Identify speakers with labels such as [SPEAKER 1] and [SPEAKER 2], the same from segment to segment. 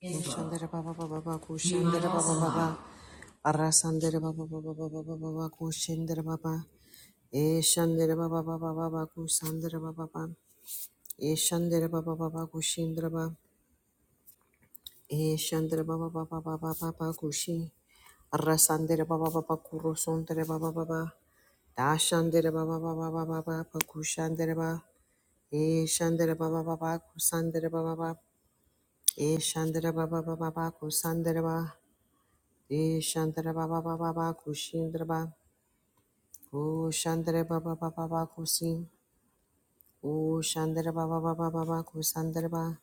[SPEAKER 1] Kushandere baba baba baba kushandere baba baba arasandere baba baba baba baba baba kushandere baba eshandere baba baba baba kusandere baba baba eshandere baba baba kushindere baba eshandere baba baba baba baba kushi arasandere baba baba kurosondere baba baba dashandere baba baba baba baba kushandere baba eshandere baba baba kusandere baba baba eshandere baba baba baba kusandere baba E Shantara Baba Baba Baba Kushindra Ba. O Shantara Baba Baba Baba Kusi. O Shantara Baba Baba Baba Kusandra Ba.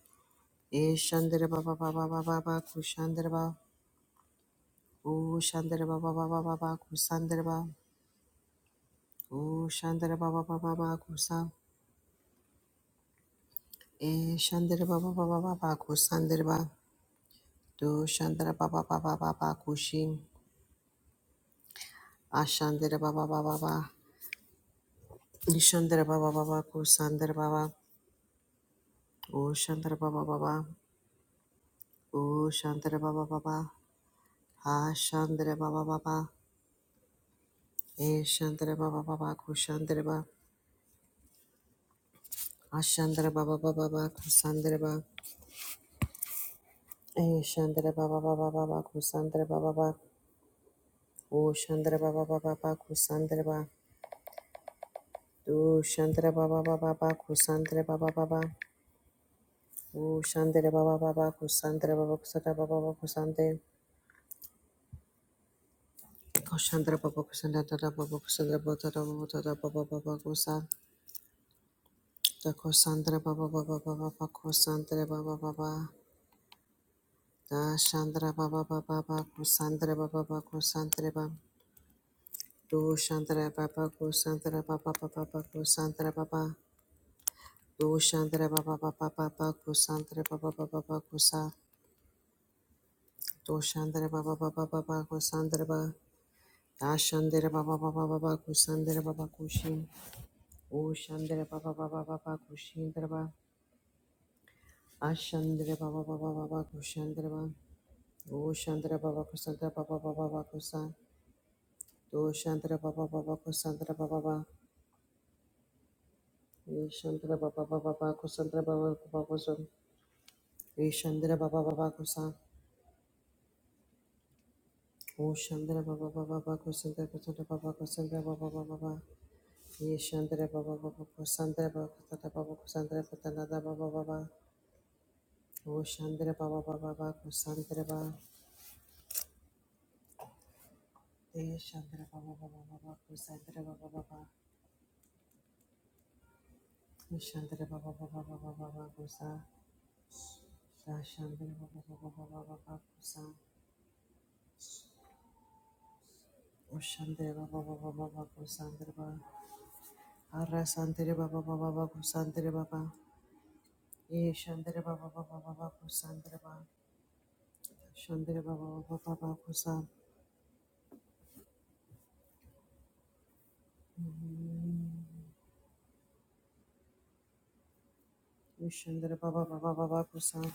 [SPEAKER 1] E Shantara Baba Baba Baba Baba Kushandra Ba. O Shantara Baba Baba Baba Kusandra Ba. O Shantara Baba Baba Baba Kusa. E Shantara Baba Baba Baba Kusandra Ba. Do Shantara Baba Baba Baba Kushi. Ashandra Baba Baba Baba. Nishandra Baba Baba Kusandra Baba. O Shantara Baba Baba. O Shantara Baba Baba, Ha Shantara Baba Baba, E Shantara Baba Baba, Kushantara Baba, Ashantara Baba Baba Baba, Kusantara Baba, E Shantara Baba Baba Baba, Kusantara Baba Baba, O Shantara Baba Baba Baba, Kusantara Baba, Do Shantara Baba Baba Baba, Kusantara Baba Baba, O Shantara Baba Baba, Kusantara Baba, Kusantara Baba Baba, Kusantara, Koshantara Baba, Kusantara Baba, Kusantara Baba, Kusantara Baba, Baba, Baba, Kusantara, Da kosandra ba ba ba ba ba ba ba kosandra ba ba ba ba da shandra ba ba ba ba ba kosandra ba ba ba kosandra ba do shandra ba ba kosandra ba ba ba ba ba kosandra ba ba do shandra ba ba ba ba ba ba kosandra ba ba ba ba ba kosa do shandra ba ba ba ba ba ba kosandra ba da shandra ba ba ba ba ba ba kosandra ba ba kushin o shandra ba ba ba ba ba ba kushindra ba ashandra ba ba ba ba ba ba kushandra ba O Shandra Baba Kusandra Baba Baba Bakusa. Do Shandra Baba Baba Kusandra Baba Baba. E Shandra Baba Baba Baba Kusandra Baba Baba Kusum. E Shandra Baba Baba Kusa. O Shandra Baba Baba Baba Kusandra Kusandra Baba Kusandra Baba Baba Baba. E Shandra Baba Baba Kusandra Baba Kusandra Baba Kusandra Kutanada Baba Baba. O Shandra Baba Baba Baba Kusandra Baba. E Shandra Baba Baba Baba Kusandra Baba Baba. E Shandra Baba Baba Baba Baba Kusa. Shandra Baba Baba Baba Baba Kusan. Ushandra Baba Baba Baba Kusandra Baba. Arra Sandra Baba Baba Baba Kusandra Baba. E Shandra Baba Baba Baba Kusandra Baba. Shandra Baba Baba Baba Kusan. Ushandra Baba Baba Baba Kusan.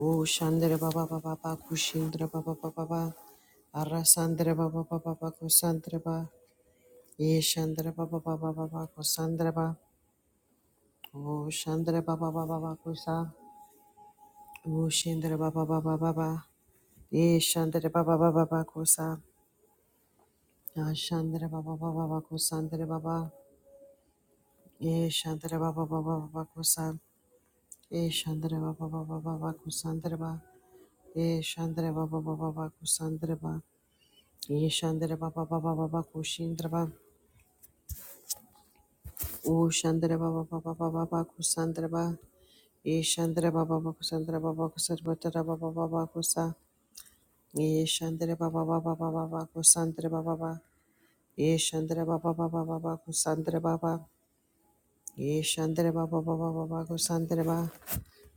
[SPEAKER 1] O Shandra Baba Baba Baba Kushindra Baba Baba Baba. Arra Sandra Baba Baba Baba Kusandra Baba. E Shandra Baba Baba Baba Kusandra Baba. O Shandra Baba Baba Baba Kusan. Ushendra baba baba baba. Eshandra baba baba baba kosa. Ashandra baba baba baba kosandra baba. Eshandra baba baba baba kosa. Eshandra baba baba baba kosandra baba. Eshandra baba baba baba kosandra baba. Eshandra baba baba baba koshindra baba. Ushandra baba baba baba baba kosandra baba. Eshandra baba baba kosandra baba kosarbatra baba baba kosa. Eshandra baba baba baba baba kosandra baba. Ye Shandra Baba Baba Baba ba ba ba Kusandra Baba ba. Ye Shandra Baba ba Baba ba ba ba Kusandra ba.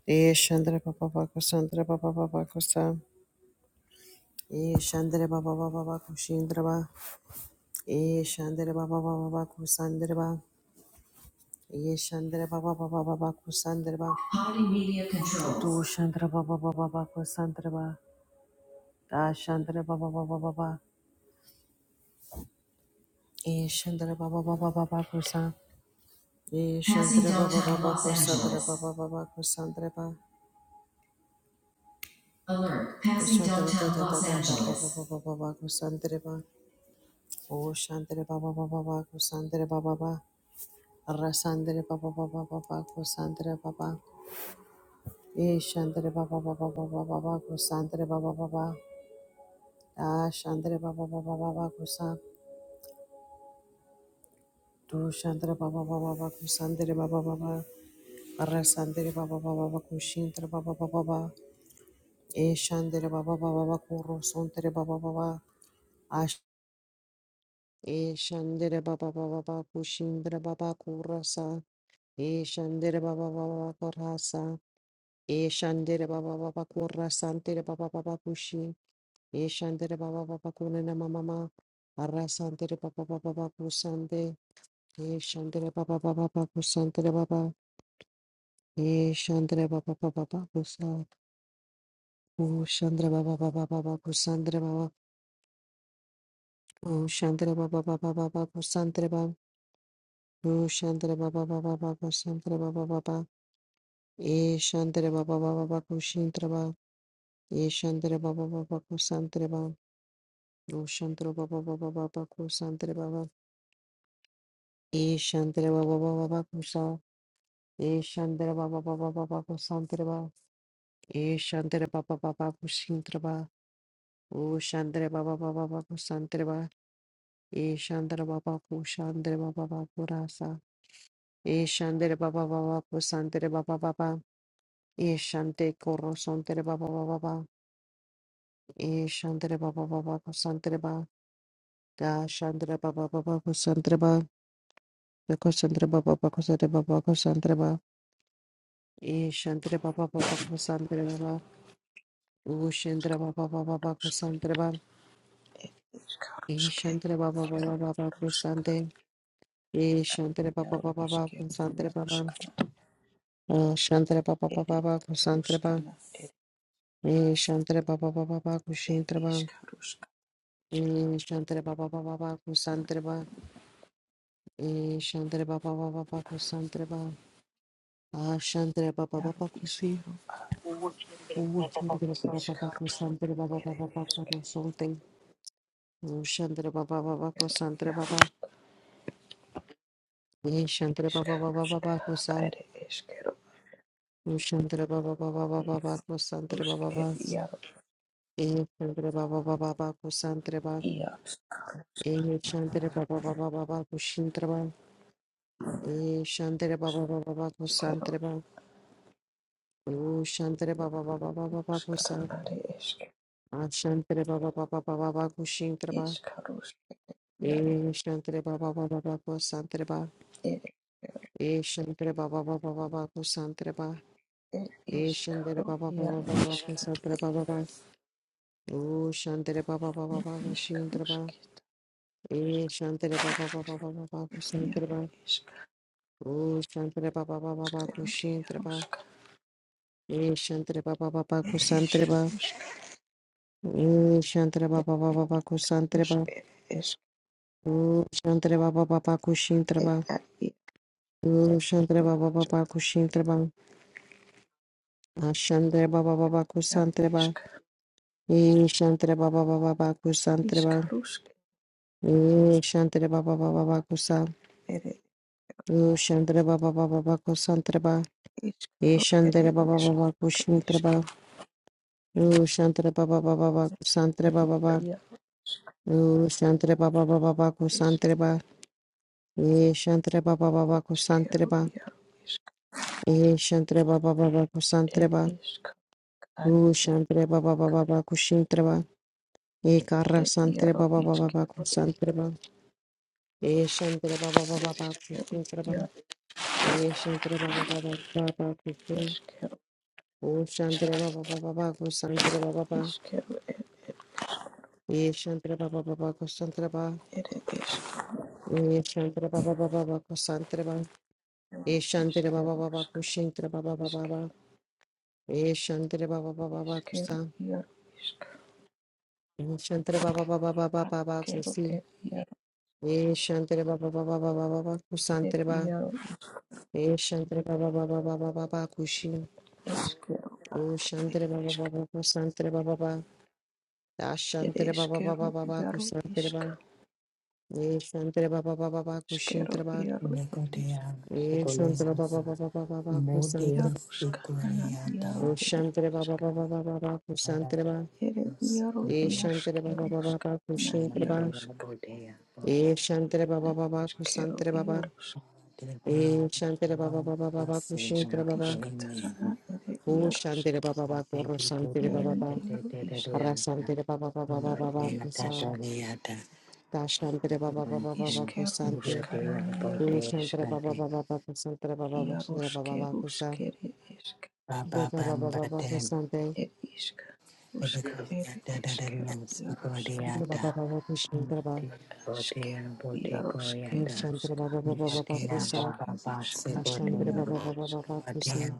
[SPEAKER 1] Ye Shandra Baba ba ba Kusandra Baba ba ba ba Kusa. Ye Shandra ba Baba ba Kushindra ba. Ye Shandra ba ba ba Kusandra ba. Ye Shandra ba ba ba Kusandra ba. Party media controls. Tu Shandra ba ba ba Kusandra ba. Da Shandra ba ba ba Ye Shandra ba ba ba Kusa. Ye Shandra ba ba Kusandra ba ba Kusandra ba. Alert. Passing downtown Los Angeles. Oh, Shandere Baba Baba Baba Sandere Baba Baba Rasandere Baba Baba Baba Sandere Baba E Shandere Baba Baba Baba Baba Sandere Baba Baba Ah Shandere Baba Baba Baba Kusa Tu Shandere Baba Baba Baba Sandere Baba Baba Rasandere Baba Baba Baba Shintere Baba Baba E Shandere Baba Baba Baba Kurosontere Baba Baba E Shandira Baba Baba Baba Kushindra Baba Kurasa. E Shandira Baba Baba Kurasa. E Shandira Baba Baba Kurasantira Baba Baba Kushi. E Shandira Baba Baba Kunana Mama. Arasantira Baba Baba Baba Kusande. E Shandira Baba Baba Baba Kusantira Baba. E Shandira Baba Baba Baba Kusa. O Shandira Baba Baba Baba Kusandra Baba. O Shandira Baba Baba Baba Kusandra Baba. O Shandira Baba Baba Baba Kusandra Baba Baba. Ye Shantre Baba Baba Baku Shintraba, Ye Shantre Baba Baba Baku Santreba, O Shantre Baba Baba Baba Baku Santre Baba, Ye Shantre Baba Baba Baku Sa, Ye Shantre Baba Baba Baba Baku Santreba, Ye Shantre Baba Baba Baku Shintraba, O Shantre Baba Baba Baku Santreba, Ye Shantre Baba Ku Shantre Baba Baku Rasa, Ye Shantre Baba Baba Baku Santre Baba Baba, Ye Shante Koro Santre Baba Baba Baba, Ye Shantre Baba Baba Baku Santreba, Da Shandra Baba Baba Kusantraba, the Kusantra Baba Bakusata Baba Kusantraba, E Shantra Baba Baba Kusantraba, U Shandra Baba Baba Kusantraba, E
[SPEAKER 2] Ishkarushke
[SPEAKER 1] Shantra Baba
[SPEAKER 2] kero
[SPEAKER 1] Baba Baba
[SPEAKER 2] rushka
[SPEAKER 1] Kusante, E Shantra Baba
[SPEAKER 2] yaro
[SPEAKER 1] Baba Baba
[SPEAKER 2] ishkero
[SPEAKER 1] Kusantra Baba,
[SPEAKER 2] yarushkana
[SPEAKER 1] O Shantra Baba
[SPEAKER 2] eri
[SPEAKER 1] Baba Baba Kusantraba,
[SPEAKER 2] rushkana eri
[SPEAKER 1] E Shantra Baba Baba Baba
[SPEAKER 2] eri
[SPEAKER 1] Kushintraba,
[SPEAKER 2] ishkarushka
[SPEAKER 1] E Shantra Baba Baba Baba Kusantraba, E Shantra Baba Baba Baba Kusantraba, Ah Shantra Baba
[SPEAKER 2] yaro
[SPEAKER 1] Baba Kusi.
[SPEAKER 2] ishkero a
[SPEAKER 1] Oh, Shandra Baba
[SPEAKER 2] ishka
[SPEAKER 1] Baba Ko Shandra Baba
[SPEAKER 2] eri
[SPEAKER 1] Baba Baba
[SPEAKER 2] ishke
[SPEAKER 1] Ko something. Oh, Shandra Baba Baba Ko Shandra
[SPEAKER 2] yaro
[SPEAKER 1] Baba. Eh, Shandra Baba Baba
[SPEAKER 2] ishkarushka
[SPEAKER 1] Baba Ko Sang.
[SPEAKER 2] eri ishkero
[SPEAKER 1] Oh, Shandra Baba Baba Baba Baba Ko Shandra
[SPEAKER 2] rushk
[SPEAKER 1] Baba Baba.
[SPEAKER 2] eri yaro
[SPEAKER 1] Eh, Shandra Baba Baba Baba Ko Shandra Baba.
[SPEAKER 2] iya ishkarushka
[SPEAKER 1] Eh, Shandra Baba Baba Baba Ko Shandra Baba. Eh, Shandra Baba Baba Baba Ko
[SPEAKER 2] ishkero
[SPEAKER 1] Shandra Baba. Oh, Shandra Baba Baba Baba Baba Ko Sang.
[SPEAKER 2] rushkana eri ishke
[SPEAKER 1] Ah, Shandra Baba Baba Baba Baba Ko Shandra Baba.
[SPEAKER 2] ishkarushka yaro
[SPEAKER 1] Eh, Shandra Baba Baba Baba Ko Shandra Baba.
[SPEAKER 2] eri
[SPEAKER 1] Eshantre baba baba baba kusantre ba.
[SPEAKER 2] eri
[SPEAKER 1] Eshantre
[SPEAKER 2] ishkaru
[SPEAKER 1] baba baba
[SPEAKER 2] yaro
[SPEAKER 1] baba
[SPEAKER 2] ishke
[SPEAKER 1] kusantre baba ba. O shantre baba baba baba kushintre ba.
[SPEAKER 2] ishkarushka
[SPEAKER 1] Eshantre baba baba baba baba kusantre
[SPEAKER 2] yaro
[SPEAKER 1] ba.
[SPEAKER 2] ishkero
[SPEAKER 1] O shantre baba baba baba kushintre ba.
[SPEAKER 2] yarushka
[SPEAKER 1] Eshantre baba baba kusantre
[SPEAKER 2] Iskaruskere
[SPEAKER 1] ba. O shantre baba baba baba kusantre ba. O shantre baba baba kushintre ba.
[SPEAKER 2] eskera iaro
[SPEAKER 1] O shantre baba baba kushintre ba. Ashantre baba baba
[SPEAKER 2] iaro
[SPEAKER 1] kusantre ba.
[SPEAKER 2] Isk.
[SPEAKER 1] E Shantara Baba Baba Baku
[SPEAKER 2] Isk.
[SPEAKER 1] Santraba.
[SPEAKER 2] iskaro
[SPEAKER 1] E Shantara Baba Baba Baku Sa.
[SPEAKER 2] ere
[SPEAKER 1] O Shantara Baba Baba Baku Santraba.
[SPEAKER 2] Isk.
[SPEAKER 1] E Shantara Baba Baba Baku Shintraba.
[SPEAKER 2] iskero
[SPEAKER 1] O Shantara Baba Baba Baku Santraba Baba.
[SPEAKER 2] iaro Isk.
[SPEAKER 1] O Shantara Baba Baba Baku
[SPEAKER 2] isk
[SPEAKER 1] Santraba. E Shantara Baba Baba Baku
[SPEAKER 2] eskero
[SPEAKER 1] Santraba.
[SPEAKER 2] iaro Isk.
[SPEAKER 1] E Shantara Baba Baba Baku
[SPEAKER 2] ed
[SPEAKER 1] Santraba.
[SPEAKER 2] Isk. ar
[SPEAKER 1] O
[SPEAKER 2] iaro
[SPEAKER 1] Shantara Baba Baba Baku Shintraba. E Kara
[SPEAKER 2] ed iaro
[SPEAKER 1] Santraba Baba Baku
[SPEAKER 2] iskero Isk.
[SPEAKER 1] Santraba. E Shantara Baba Baba Baku
[SPEAKER 2] eskero
[SPEAKER 1] Shintraba.
[SPEAKER 2] iaro
[SPEAKER 1] Ye Shantre Baba Baba Baba Kusum.
[SPEAKER 2] Isk.
[SPEAKER 1] O Shantre Baba Baba Baba Kusantre Baba Baba.
[SPEAKER 2] iskero ed
[SPEAKER 1] Ye Shantre Baba Baba Kusantre Baba.
[SPEAKER 2] ere
[SPEAKER 1] Ye Shantre Baba Baba Baba Kusantre Baba. Ye Shantre Baba
[SPEAKER 2] eskero
[SPEAKER 1] Baba
[SPEAKER 2] Isk. iska
[SPEAKER 1] Kushintre Baba Baba
[SPEAKER 2] isk Isk.
[SPEAKER 1] Baba. Ye Shantre Baba Baba
[SPEAKER 2] Isk.
[SPEAKER 1] Baba
[SPEAKER 2] eskero
[SPEAKER 1] Kusa.
[SPEAKER 2] iaro iska
[SPEAKER 1] Ye Shantre Baba Baba Baba Baba
[SPEAKER 2] askero
[SPEAKER 1] Kusi.
[SPEAKER 2] ed iaro
[SPEAKER 1] Ye Shantre Baba Baba Baba Baba
[SPEAKER 2] ed
[SPEAKER 1] Kusantre Baba.
[SPEAKER 2] iaro
[SPEAKER 1] Ye Shantre Baba Baba Baba Baba Kushi.
[SPEAKER 2] Eskero,
[SPEAKER 1] O Shantre Baba
[SPEAKER 2] isk,
[SPEAKER 1] Baba Kusantre Baba Baba.
[SPEAKER 2] ed
[SPEAKER 1] Ashantre Baba
[SPEAKER 2] eskero,
[SPEAKER 1] Baba Baba
[SPEAKER 2] iaro,
[SPEAKER 1] Kusantre
[SPEAKER 2] isk,
[SPEAKER 1] ba. Ye Shantra Baba Baba baba
[SPEAKER 2] eskero,
[SPEAKER 1] Shintra Baba
[SPEAKER 2] iaro, ed isk,
[SPEAKER 3] Nicodia
[SPEAKER 1] Ye Shantra Baba
[SPEAKER 3] Shigoliata
[SPEAKER 1] Baba Baba baba Baku Santra
[SPEAKER 3] Modia
[SPEAKER 2] iaro, skanana,
[SPEAKER 3] Sigriata
[SPEAKER 2] iaro, ed
[SPEAKER 1] Shantra
[SPEAKER 2] isk,
[SPEAKER 1] Baba Baba Baba baba Santra Baba
[SPEAKER 2] ed iaro,
[SPEAKER 1] Ye
[SPEAKER 3] Scodia
[SPEAKER 1] Shantra Baba
[SPEAKER 2] iarskero,
[SPEAKER 1] Baba baba
[SPEAKER 2] skana,
[SPEAKER 3] Bodea
[SPEAKER 1] Shintra
[SPEAKER 2] iaro,
[SPEAKER 1] Baba
[SPEAKER 2] skana,
[SPEAKER 3] Bodea Bodea
[SPEAKER 1] Ye Shantra Baba Baba Baku
[SPEAKER 2] iskero,
[SPEAKER 1] baba.
[SPEAKER 2] iaro,
[SPEAKER 1] Baba Shantra Baba Baba Baba Baku
[SPEAKER 2] iskaro,
[SPEAKER 1] Baba
[SPEAKER 2] skatana, ed
[SPEAKER 1] O
[SPEAKER 2] iaro,
[SPEAKER 1] Shantra Baba Baku Rosantra
[SPEAKER 3] Sicodia,
[SPEAKER 2] skanani,
[SPEAKER 1] Baba
[SPEAKER 2] iaro,
[SPEAKER 3] Bodea,
[SPEAKER 2] isk,
[SPEAKER 1] Kusantra Baba Rasantra Baba Baba
[SPEAKER 2] iaro,
[SPEAKER 1] Baba
[SPEAKER 2] ed
[SPEAKER 1] Baku
[SPEAKER 2] isk,
[SPEAKER 1] San Tashantra Baba Baba Baba Baku
[SPEAKER 2] iskero,
[SPEAKER 1] Sante
[SPEAKER 2] skanani, iaro,
[SPEAKER 1] O
[SPEAKER 2] isk,
[SPEAKER 1] Shantra Baba Baba Baku Santra Baba
[SPEAKER 2] iaro,
[SPEAKER 1] Kusantra Baba Kusantra Baba
[SPEAKER 2] skero,
[SPEAKER 1] Baku
[SPEAKER 2] skere, esk
[SPEAKER 1] Sante, Baba Baba Kushantraba,
[SPEAKER 2] ir iška, uška, ir iškeru,
[SPEAKER 3] Bodea,
[SPEAKER 2] jaruška,
[SPEAKER 1] Shantra
[SPEAKER 3] Bodea,
[SPEAKER 1] Baba Kushantraba,
[SPEAKER 2] iškeru,
[SPEAKER 3] Bodea Bodea
[SPEAKER 2] jaruškeru,
[SPEAKER 3] Goyada
[SPEAKER 1] Nishantra
[SPEAKER 2] uška,
[SPEAKER 1] Baba Baba
[SPEAKER 2] išker,
[SPEAKER 3] Bodea
[SPEAKER 1] Kusa,
[SPEAKER 3] Baba
[SPEAKER 2] iškeru,
[SPEAKER 3] Baxi
[SPEAKER 2] uška,
[SPEAKER 1] Shantra
[SPEAKER 3] Bodea Bodea
[SPEAKER 2] jaru,
[SPEAKER 1] Baba Baba
[SPEAKER 2] iška,
[SPEAKER 1] Baba Kusa,
[SPEAKER 3] Bodea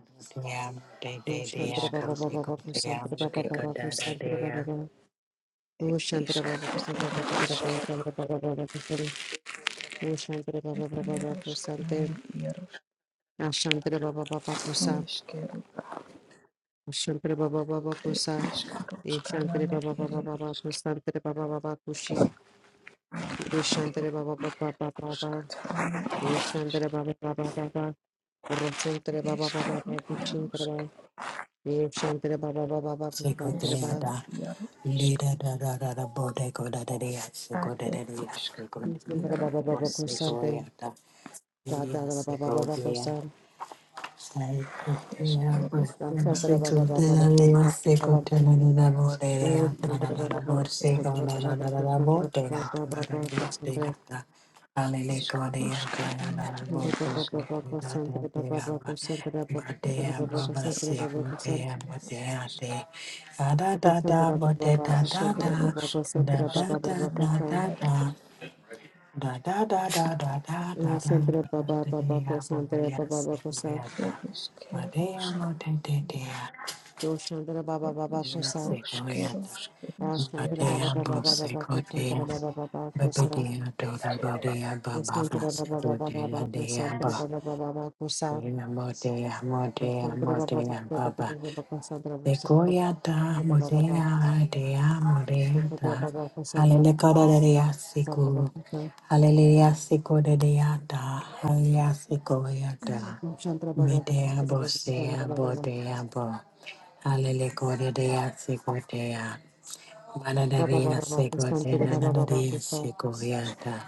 [SPEAKER 3] Bodea Dea
[SPEAKER 1] Shantra Baba
[SPEAKER 2] iškeru,
[SPEAKER 3] Bodea
[SPEAKER 1] Baba Baba
[SPEAKER 2] ir
[SPEAKER 3] Gotea
[SPEAKER 1] Kusantra Baba
[SPEAKER 2] iškeru,
[SPEAKER 3] Bodea
[SPEAKER 1] Baba
[SPEAKER 3] Dada
[SPEAKER 1] Kusantra Baba
[SPEAKER 3] Dea
[SPEAKER 1] Baba, O Shantra Baba
[SPEAKER 2] iškeru,
[SPEAKER 1] Kusantra Baba
[SPEAKER 2] ir iškeru.
[SPEAKER 1] Kusantra Baba Baba Kusantra, O Shantra Baba Baba Baba
[SPEAKER 2] Jaruška, nana,
[SPEAKER 1] Kusante,
[SPEAKER 2] jaruška,
[SPEAKER 1] Ashantra Baba Baba Kusa,
[SPEAKER 2] iškeru,
[SPEAKER 1] Shantra Baba Baba
[SPEAKER 2] ir
[SPEAKER 1] Kusa,
[SPEAKER 2] iškaruška,
[SPEAKER 1] Shantra
[SPEAKER 2] nana,
[SPEAKER 1] Baba
[SPEAKER 2] ir
[SPEAKER 1] Baba Baba
[SPEAKER 2] iškeru,
[SPEAKER 1] Kusantra Baba Baba Kushin, O
[SPEAKER 2] iškeru,
[SPEAKER 1] Shantra Baba Baba Baba
[SPEAKER 2] uška,
[SPEAKER 1] Baba,
[SPEAKER 2] nana,
[SPEAKER 1] Shantra Baba Baba Baba Roshantre
[SPEAKER 2] ir
[SPEAKER 1] Baba Baba
[SPEAKER 2] iškeru,
[SPEAKER 1] Kushintra
[SPEAKER 2] jaruška,
[SPEAKER 1] ba. Baba Yeshantre Baba Baba Baba
[SPEAKER 3] Siko
[SPEAKER 1] Kushantre
[SPEAKER 3] Dea
[SPEAKER 1] ba.
[SPEAKER 2] iškeru,
[SPEAKER 3] Da
[SPEAKER 2] jaru,
[SPEAKER 3] Lida Da Da Da Da Bodea Goda Da Dea
[SPEAKER 2] Ad
[SPEAKER 3] Siko Da Da
[SPEAKER 2] ed
[SPEAKER 3] Dea
[SPEAKER 2] isk,
[SPEAKER 3] Siko Dea
[SPEAKER 1] Yeshantre
[SPEAKER 2] iaro
[SPEAKER 1] Baba
[SPEAKER 2] ed
[SPEAKER 1] Baba
[SPEAKER 2] isk,
[SPEAKER 3] Siko
[SPEAKER 1] Kushante
[SPEAKER 3] Goyada
[SPEAKER 1] Shatadra Baba Baba
[SPEAKER 3] Siko
[SPEAKER 1] Kusham
[SPEAKER 3] Da da da da da da da da
[SPEAKER 2] esk iaro ad
[SPEAKER 1] Shantre Baba Baba Baba Kusham Baba Baba
[SPEAKER 2] iskaro ed
[SPEAKER 1] Yeshantre Baba Baba Kushantre Baba Baba Kushantre
[SPEAKER 2] isk, uska ana ed
[SPEAKER 1] Baba
[SPEAKER 2] isk,
[SPEAKER 1] Baba Baba Kushantre Shantre Baba Baba Kushantre Baba Baba Kushantre Baba Kushantre
[SPEAKER 2] ed
[SPEAKER 1] Baba
[SPEAKER 2] isk,
[SPEAKER 1] Kushantre Baba Kushantre
[SPEAKER 2] ed isk,
[SPEAKER 1] Kushantre Baba Baba Kushantre
[SPEAKER 2] iskero,
[SPEAKER 1] Baba
[SPEAKER 2] skero,
[SPEAKER 1] Kushantre Baba
[SPEAKER 3] da
[SPEAKER 2] uska
[SPEAKER 3] da
[SPEAKER 1] Baba
[SPEAKER 2] ana
[SPEAKER 1] Kushantre
[SPEAKER 3] da
[SPEAKER 2] iaro ed
[SPEAKER 3] da Da da da da da da da da da
[SPEAKER 1] Shantre Baba
[SPEAKER 3] da
[SPEAKER 1] Baba
[SPEAKER 3] da
[SPEAKER 1] Kushantre
[SPEAKER 3] Boboya
[SPEAKER 1] Baba Baba Kushantre
[SPEAKER 3] Segoyata
[SPEAKER 2] ed
[SPEAKER 3] Madea
[SPEAKER 2] uska
[SPEAKER 3] Mote de Dea
[SPEAKER 1] Doshandra Baba
[SPEAKER 2] ed
[SPEAKER 1] Baba
[SPEAKER 3] Ya
[SPEAKER 2] iskaro,
[SPEAKER 1] Kosa,
[SPEAKER 2] skero,
[SPEAKER 3] Segoyata
[SPEAKER 2] skero,
[SPEAKER 1] Rashandra
[SPEAKER 2] skera,
[SPEAKER 1] Baba
[SPEAKER 3] Madea
[SPEAKER 1] Baba
[SPEAKER 3] Bo
[SPEAKER 2] skero,
[SPEAKER 1] Baba Baba Kosantra
[SPEAKER 3] Segotea
[SPEAKER 1] Baba Baba Kosa,
[SPEAKER 3] Babadea
[SPEAKER 2] ed ed iskero, uska
[SPEAKER 3] Dorodea Baba ba
[SPEAKER 1] Rashandra Baba Baba
[SPEAKER 3] Segotea
[SPEAKER 1] Baba
[SPEAKER 3] Dea
[SPEAKER 1] Kosantra
[SPEAKER 3] Ba
[SPEAKER 1] Baba Baba Kosa,
[SPEAKER 3] Dea Motea Motea
[SPEAKER 1] Rashandra Baba Baba
[SPEAKER 3] Motea
[SPEAKER 1] Baba
[SPEAKER 3] Baba
[SPEAKER 1] Baba Kosantra
[SPEAKER 3] Sequoiata,
[SPEAKER 1] Baba Baba
[SPEAKER 3] Modena, Dea, Modena,
[SPEAKER 1] Kosantra Baba Kosantra
[SPEAKER 3] Hallelujah,
[SPEAKER 1] Baba Baba
[SPEAKER 3] Siku,
[SPEAKER 1] Kosa,
[SPEAKER 3] Hallelujah, Siku, Deata, Hallelujah, Sequoiata,
[SPEAKER 1] Doshandra Baba Baba
[SPEAKER 3] Medea,
[SPEAKER 1] Kosantra
[SPEAKER 3] Bosea,
[SPEAKER 1] Baba
[SPEAKER 3] Bodea, Bo, Hallelujah, Dea, Sequoia,
[SPEAKER 1] Baba Baba
[SPEAKER 3] Manadaria,
[SPEAKER 1] Baba
[SPEAKER 3] Sequoia,
[SPEAKER 1] Kosantra Baba Baba
[SPEAKER 3] Nadaria,
[SPEAKER 1] Kosa,
[SPEAKER 3] Sequoiata,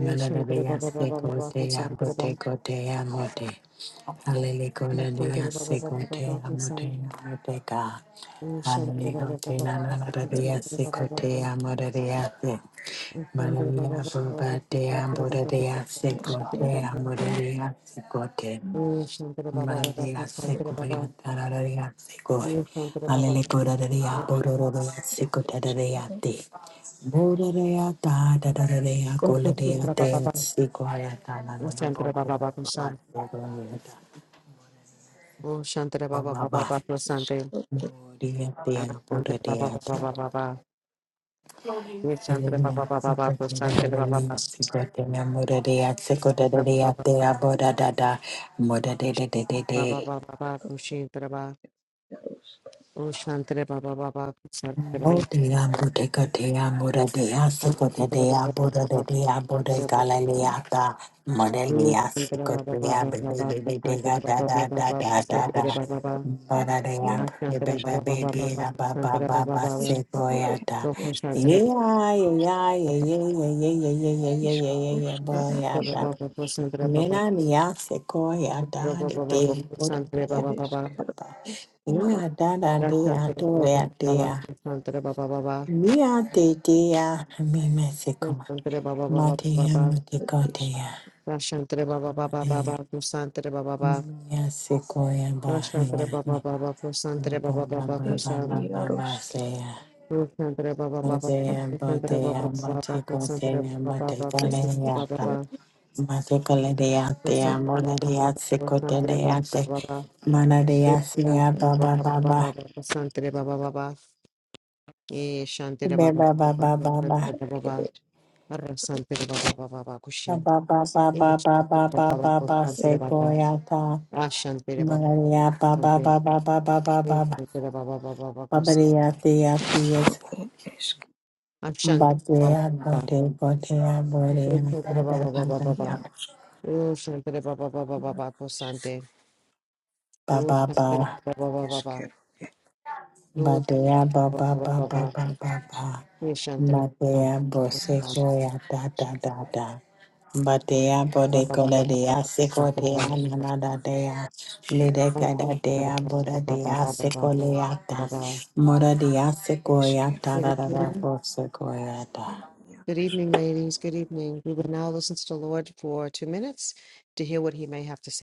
[SPEAKER 1] Rashandra Baba Baba Baba
[SPEAKER 3] Sequoia,
[SPEAKER 1] Kosantra Baba
[SPEAKER 3] Botecotea, Mote. Hallelujah,
[SPEAKER 1] Baba Baba
[SPEAKER 3] Sikote,
[SPEAKER 1] Kosa,
[SPEAKER 3] Amote, Amoteka. Hallelujah,
[SPEAKER 1] Baba Baba
[SPEAKER 3] Tena, Nanadaria, Sikote, Amodaria, Maria,
[SPEAKER 1] Baba
[SPEAKER 3] Bobate, Ambodaria, Sikote, Amodaria, Sikote. Maria, Sikoya, Tararia, Sikoi. Hallelujah, Bodoria, Sikotadaria, Bodoria, Tadaria, Goladia, Sikoya, Tanana, Bodoria, Baba. Gloria a Dios, por Dios. Aleluya, secreta de la gloria, secreta de la gloria, secreta de la gloria, de la gloria, de la gloria, de la gloria, de la
[SPEAKER 1] Kushintraba, O Shantre Baba Baba Kushantre
[SPEAKER 3] Bodea bodega dea moda dea
[SPEAKER 1] Santere Baba
[SPEAKER 3] sikota
[SPEAKER 1] Baba
[SPEAKER 3] dea boda de dea bodega laleata modelia sikotia
[SPEAKER 1] Baba
[SPEAKER 3] baby
[SPEAKER 1] Kusantere
[SPEAKER 3] dega da
[SPEAKER 1] Baba
[SPEAKER 3] da da
[SPEAKER 1] Baba
[SPEAKER 3] da
[SPEAKER 2] ed
[SPEAKER 3] da da
[SPEAKER 2] iskero, ed
[SPEAKER 3] bada
[SPEAKER 2] ia
[SPEAKER 3] dea baby baby ba ba ba ba
[SPEAKER 2] ed
[SPEAKER 3] sequoiata
[SPEAKER 2] isk,
[SPEAKER 3] yeah yeah yeah yeah yeah yeah yeah yeah yeah yeah
[SPEAKER 2] iskaro,
[SPEAKER 3] yeah yeah
[SPEAKER 2] uska ana
[SPEAKER 3] boyata
[SPEAKER 2] iaro
[SPEAKER 3] Nina nia sequoia da de dea boda dea ba ba
[SPEAKER 1] Kusantere
[SPEAKER 2] ereshkigal,
[SPEAKER 3] ba
[SPEAKER 2] ereshkigal,
[SPEAKER 3] yeah da da dea do ya Mia de dea, mi mexico, Matia
[SPEAKER 2] ereshkigal, ereshkigal,
[SPEAKER 3] muticotea, Mia sequoia bahia, Baba
[SPEAKER 1] Baba Baba
[SPEAKER 3] Baba
[SPEAKER 1] Kusan
[SPEAKER 3] Baba
[SPEAKER 2] ereshkigal,
[SPEAKER 3] Baba sea,
[SPEAKER 1] Sandra Baba Baba
[SPEAKER 3] Motea
[SPEAKER 1] Sandra Baba
[SPEAKER 3] botea,
[SPEAKER 1] Baba
[SPEAKER 3] muticotea,
[SPEAKER 1] Sandra Baba Baba Sandra Baba
[SPEAKER 3] muticoleata,
[SPEAKER 2] ereshkigal,
[SPEAKER 1] Baba
[SPEAKER 3] Maticoleatea,
[SPEAKER 1] Sandra Baba
[SPEAKER 3] Moleria
[SPEAKER 1] Baba Sandra Baba
[SPEAKER 3] secoteate,
[SPEAKER 1] Baba
[SPEAKER 3] Manadia sea,
[SPEAKER 1] Sandra Baba
[SPEAKER 3] Baba Baba,
[SPEAKER 1] Baba Sandra Baba Baba E Sandra Baba
[SPEAKER 3] Baba Baba
[SPEAKER 1] Sandra
[SPEAKER 3] Baba.
[SPEAKER 1] Baba Baba
[SPEAKER 2] ereshkigal,
[SPEAKER 1] Arra Sandra Baba Baba
[SPEAKER 3] Ba
[SPEAKER 1] Kushin
[SPEAKER 3] ba ba ba
[SPEAKER 1] E
[SPEAKER 3] ba ba ba
[SPEAKER 1] Sandra
[SPEAKER 3] ba
[SPEAKER 1] Baba
[SPEAKER 3] ba
[SPEAKER 1] Baba
[SPEAKER 3] ba
[SPEAKER 1] Sandra Baba
[SPEAKER 3] sequoia
[SPEAKER 1] Ah Sandra Baba
[SPEAKER 3] Maria ba ba
[SPEAKER 1] Sandra
[SPEAKER 3] ba ba ba ba ba
[SPEAKER 1] E
[SPEAKER 3] ba
[SPEAKER 1] Sandra Baba Baba
[SPEAKER 3] ba
[SPEAKER 1] Baba
[SPEAKER 3] Maria tia tias
[SPEAKER 2] ereshkigal.
[SPEAKER 1] Ah Sandra Baba
[SPEAKER 3] Batea
[SPEAKER 1] Baba
[SPEAKER 3] bote botea borea
[SPEAKER 1] Sandra
[SPEAKER 3] da da
[SPEAKER 1] Baba
[SPEAKER 3] da
[SPEAKER 1] Baba
[SPEAKER 3] da
[SPEAKER 1] Baba
[SPEAKER 3] da
[SPEAKER 1] Oh Sandra Baba Baba Baba Sandra
[SPEAKER 3] ba
[SPEAKER 1] Rosh
[SPEAKER 3] ba
[SPEAKER 1] Hashanah
[SPEAKER 3] ba
[SPEAKER 1] Baba Baba Baba. Rosh Hashanah
[SPEAKER 3] Batea ba
[SPEAKER 1] Baba
[SPEAKER 3] ba
[SPEAKER 1] Baba
[SPEAKER 3] ba ba
[SPEAKER 1] Baba.
[SPEAKER 3] ba ba ba
[SPEAKER 1] Yeshantara Baba
[SPEAKER 3] Matea boseco ya da da da da Batea
[SPEAKER 1] Baba
[SPEAKER 3] bode
[SPEAKER 1] Baba Baba
[SPEAKER 3] coleria
[SPEAKER 1] Baba.
[SPEAKER 3] secotea
[SPEAKER 1] Yeshantara
[SPEAKER 3] nanada dea
[SPEAKER 1] Baba
[SPEAKER 3] Lideca da
[SPEAKER 1] Baba
[SPEAKER 3] dea
[SPEAKER 1] Baba
[SPEAKER 3] boda
[SPEAKER 1] Baba
[SPEAKER 3] dea
[SPEAKER 1] Baba Baba
[SPEAKER 3] secoleata
[SPEAKER 1] Baba.
[SPEAKER 3] Mora dea secoia da
[SPEAKER 1] Good
[SPEAKER 3] da da da
[SPEAKER 1] evening.
[SPEAKER 3] bosecoia
[SPEAKER 1] Good evening, ladies. Good evening. We will now listen to the Lord for two minutes to hear what he may have to say.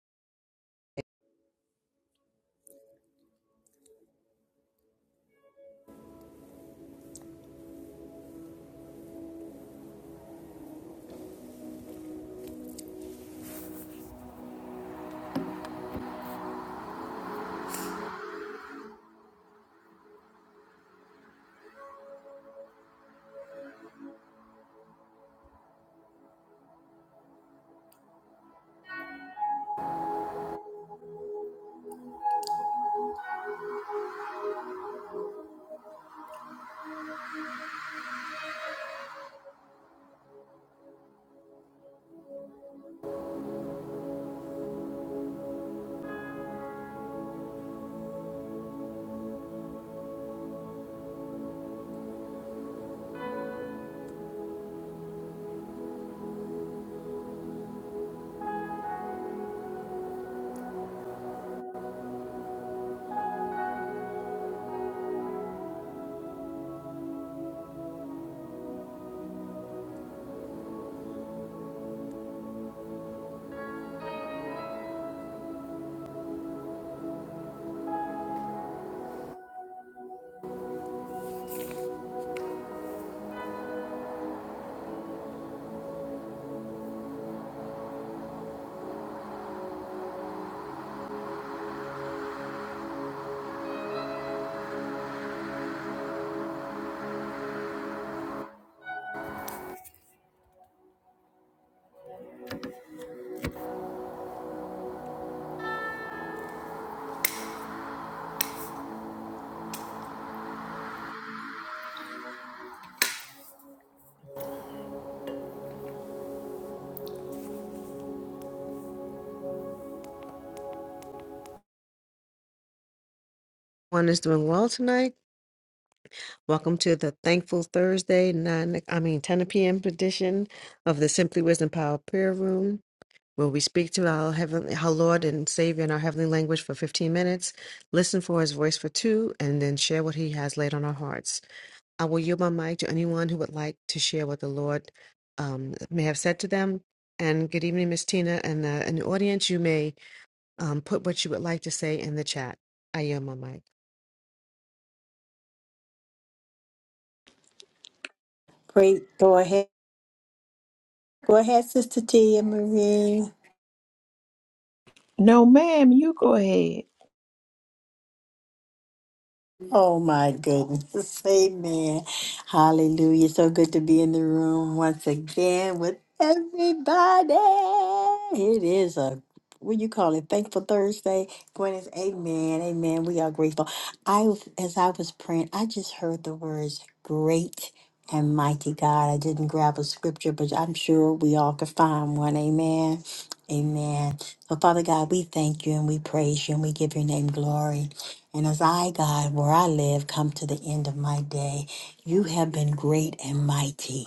[SPEAKER 1] One is doing well tonight. Welcome to the Thankful Thursday, nine I mean ten PM edition of the Simply Wisdom Power Prayer Room. where we speak to our heavenly, our Lord and Savior in our heavenly language for 15 minutes, listen for his voice for two, and then share what he has laid on our hearts. I will yield my mic to anyone who would like to share what the Lord um, may have said to them. And good evening, Miss Tina. And uh, in the audience, you may um, put what you would like to say in the chat. I yield my mic.
[SPEAKER 3] Great. Go ahead. Go ahead, Sister Tia Marie.
[SPEAKER 2] No, ma'am, you go ahead.
[SPEAKER 3] Oh my goodness. Amen. Hallelujah. So good to be in the room once again with everybody. It is a what you call it? Thankful Thursday. Gwyneth, amen. Amen. We are grateful. I was- as I was praying, I just heard the words great and mighty God. I didn't grab a scripture, but I'm sure we all could find one. Amen. Amen. So Father God, we thank you and we praise you and we give your name glory. And as I, God, where I live, come to the end of my day, you have been great and mighty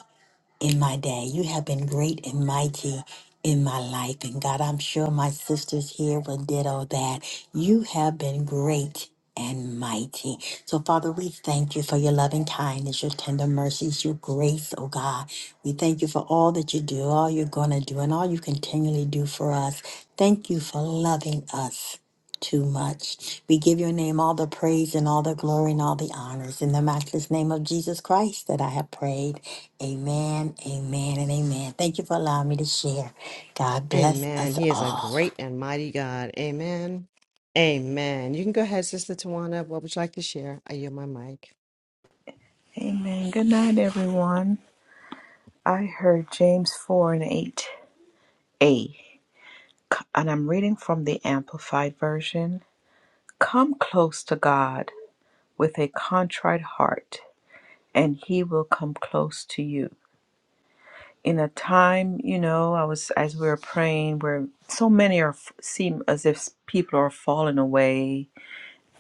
[SPEAKER 3] in my day. You have been great and mighty in my life. And God, I'm sure my sisters here will ditto that. You have been great and mighty. So, Father, we thank you for your loving kindness, your tender mercies, your grace, oh God. We thank you for all that you do, all you're going to do, and all you continually do for us. Thank you for loving us too much. We give your name all the praise and all the glory and all the honors in the matchless name of Jesus Christ that I have prayed. Amen, amen, and amen. Thank you for allowing me to share. God bless
[SPEAKER 1] Amen.
[SPEAKER 3] us
[SPEAKER 1] He is a
[SPEAKER 3] all.
[SPEAKER 1] great and mighty God. Amen. Amen. You can go ahead, Sister Tawana. What would you like to share? I yield my mic.
[SPEAKER 2] Amen. Good night, everyone. I heard James 4 and 8a, and I'm reading from the Amplified Version. Come close to God with a contrite heart and he will come close to you in a time you know i was as we were praying where so many are seem as if people are falling away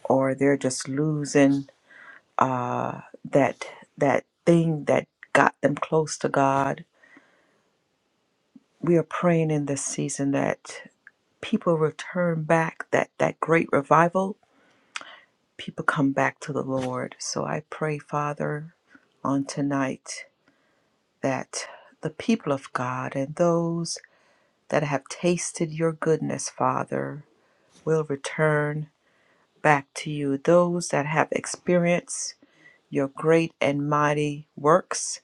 [SPEAKER 2] or they're just losing uh, that that thing that got them close to god we are praying in this season that people return back that that great revival people come back to the lord so i pray father on tonight that the people of god and those that have tasted your goodness, Father, will return back to you. Those that have experienced your great and mighty works,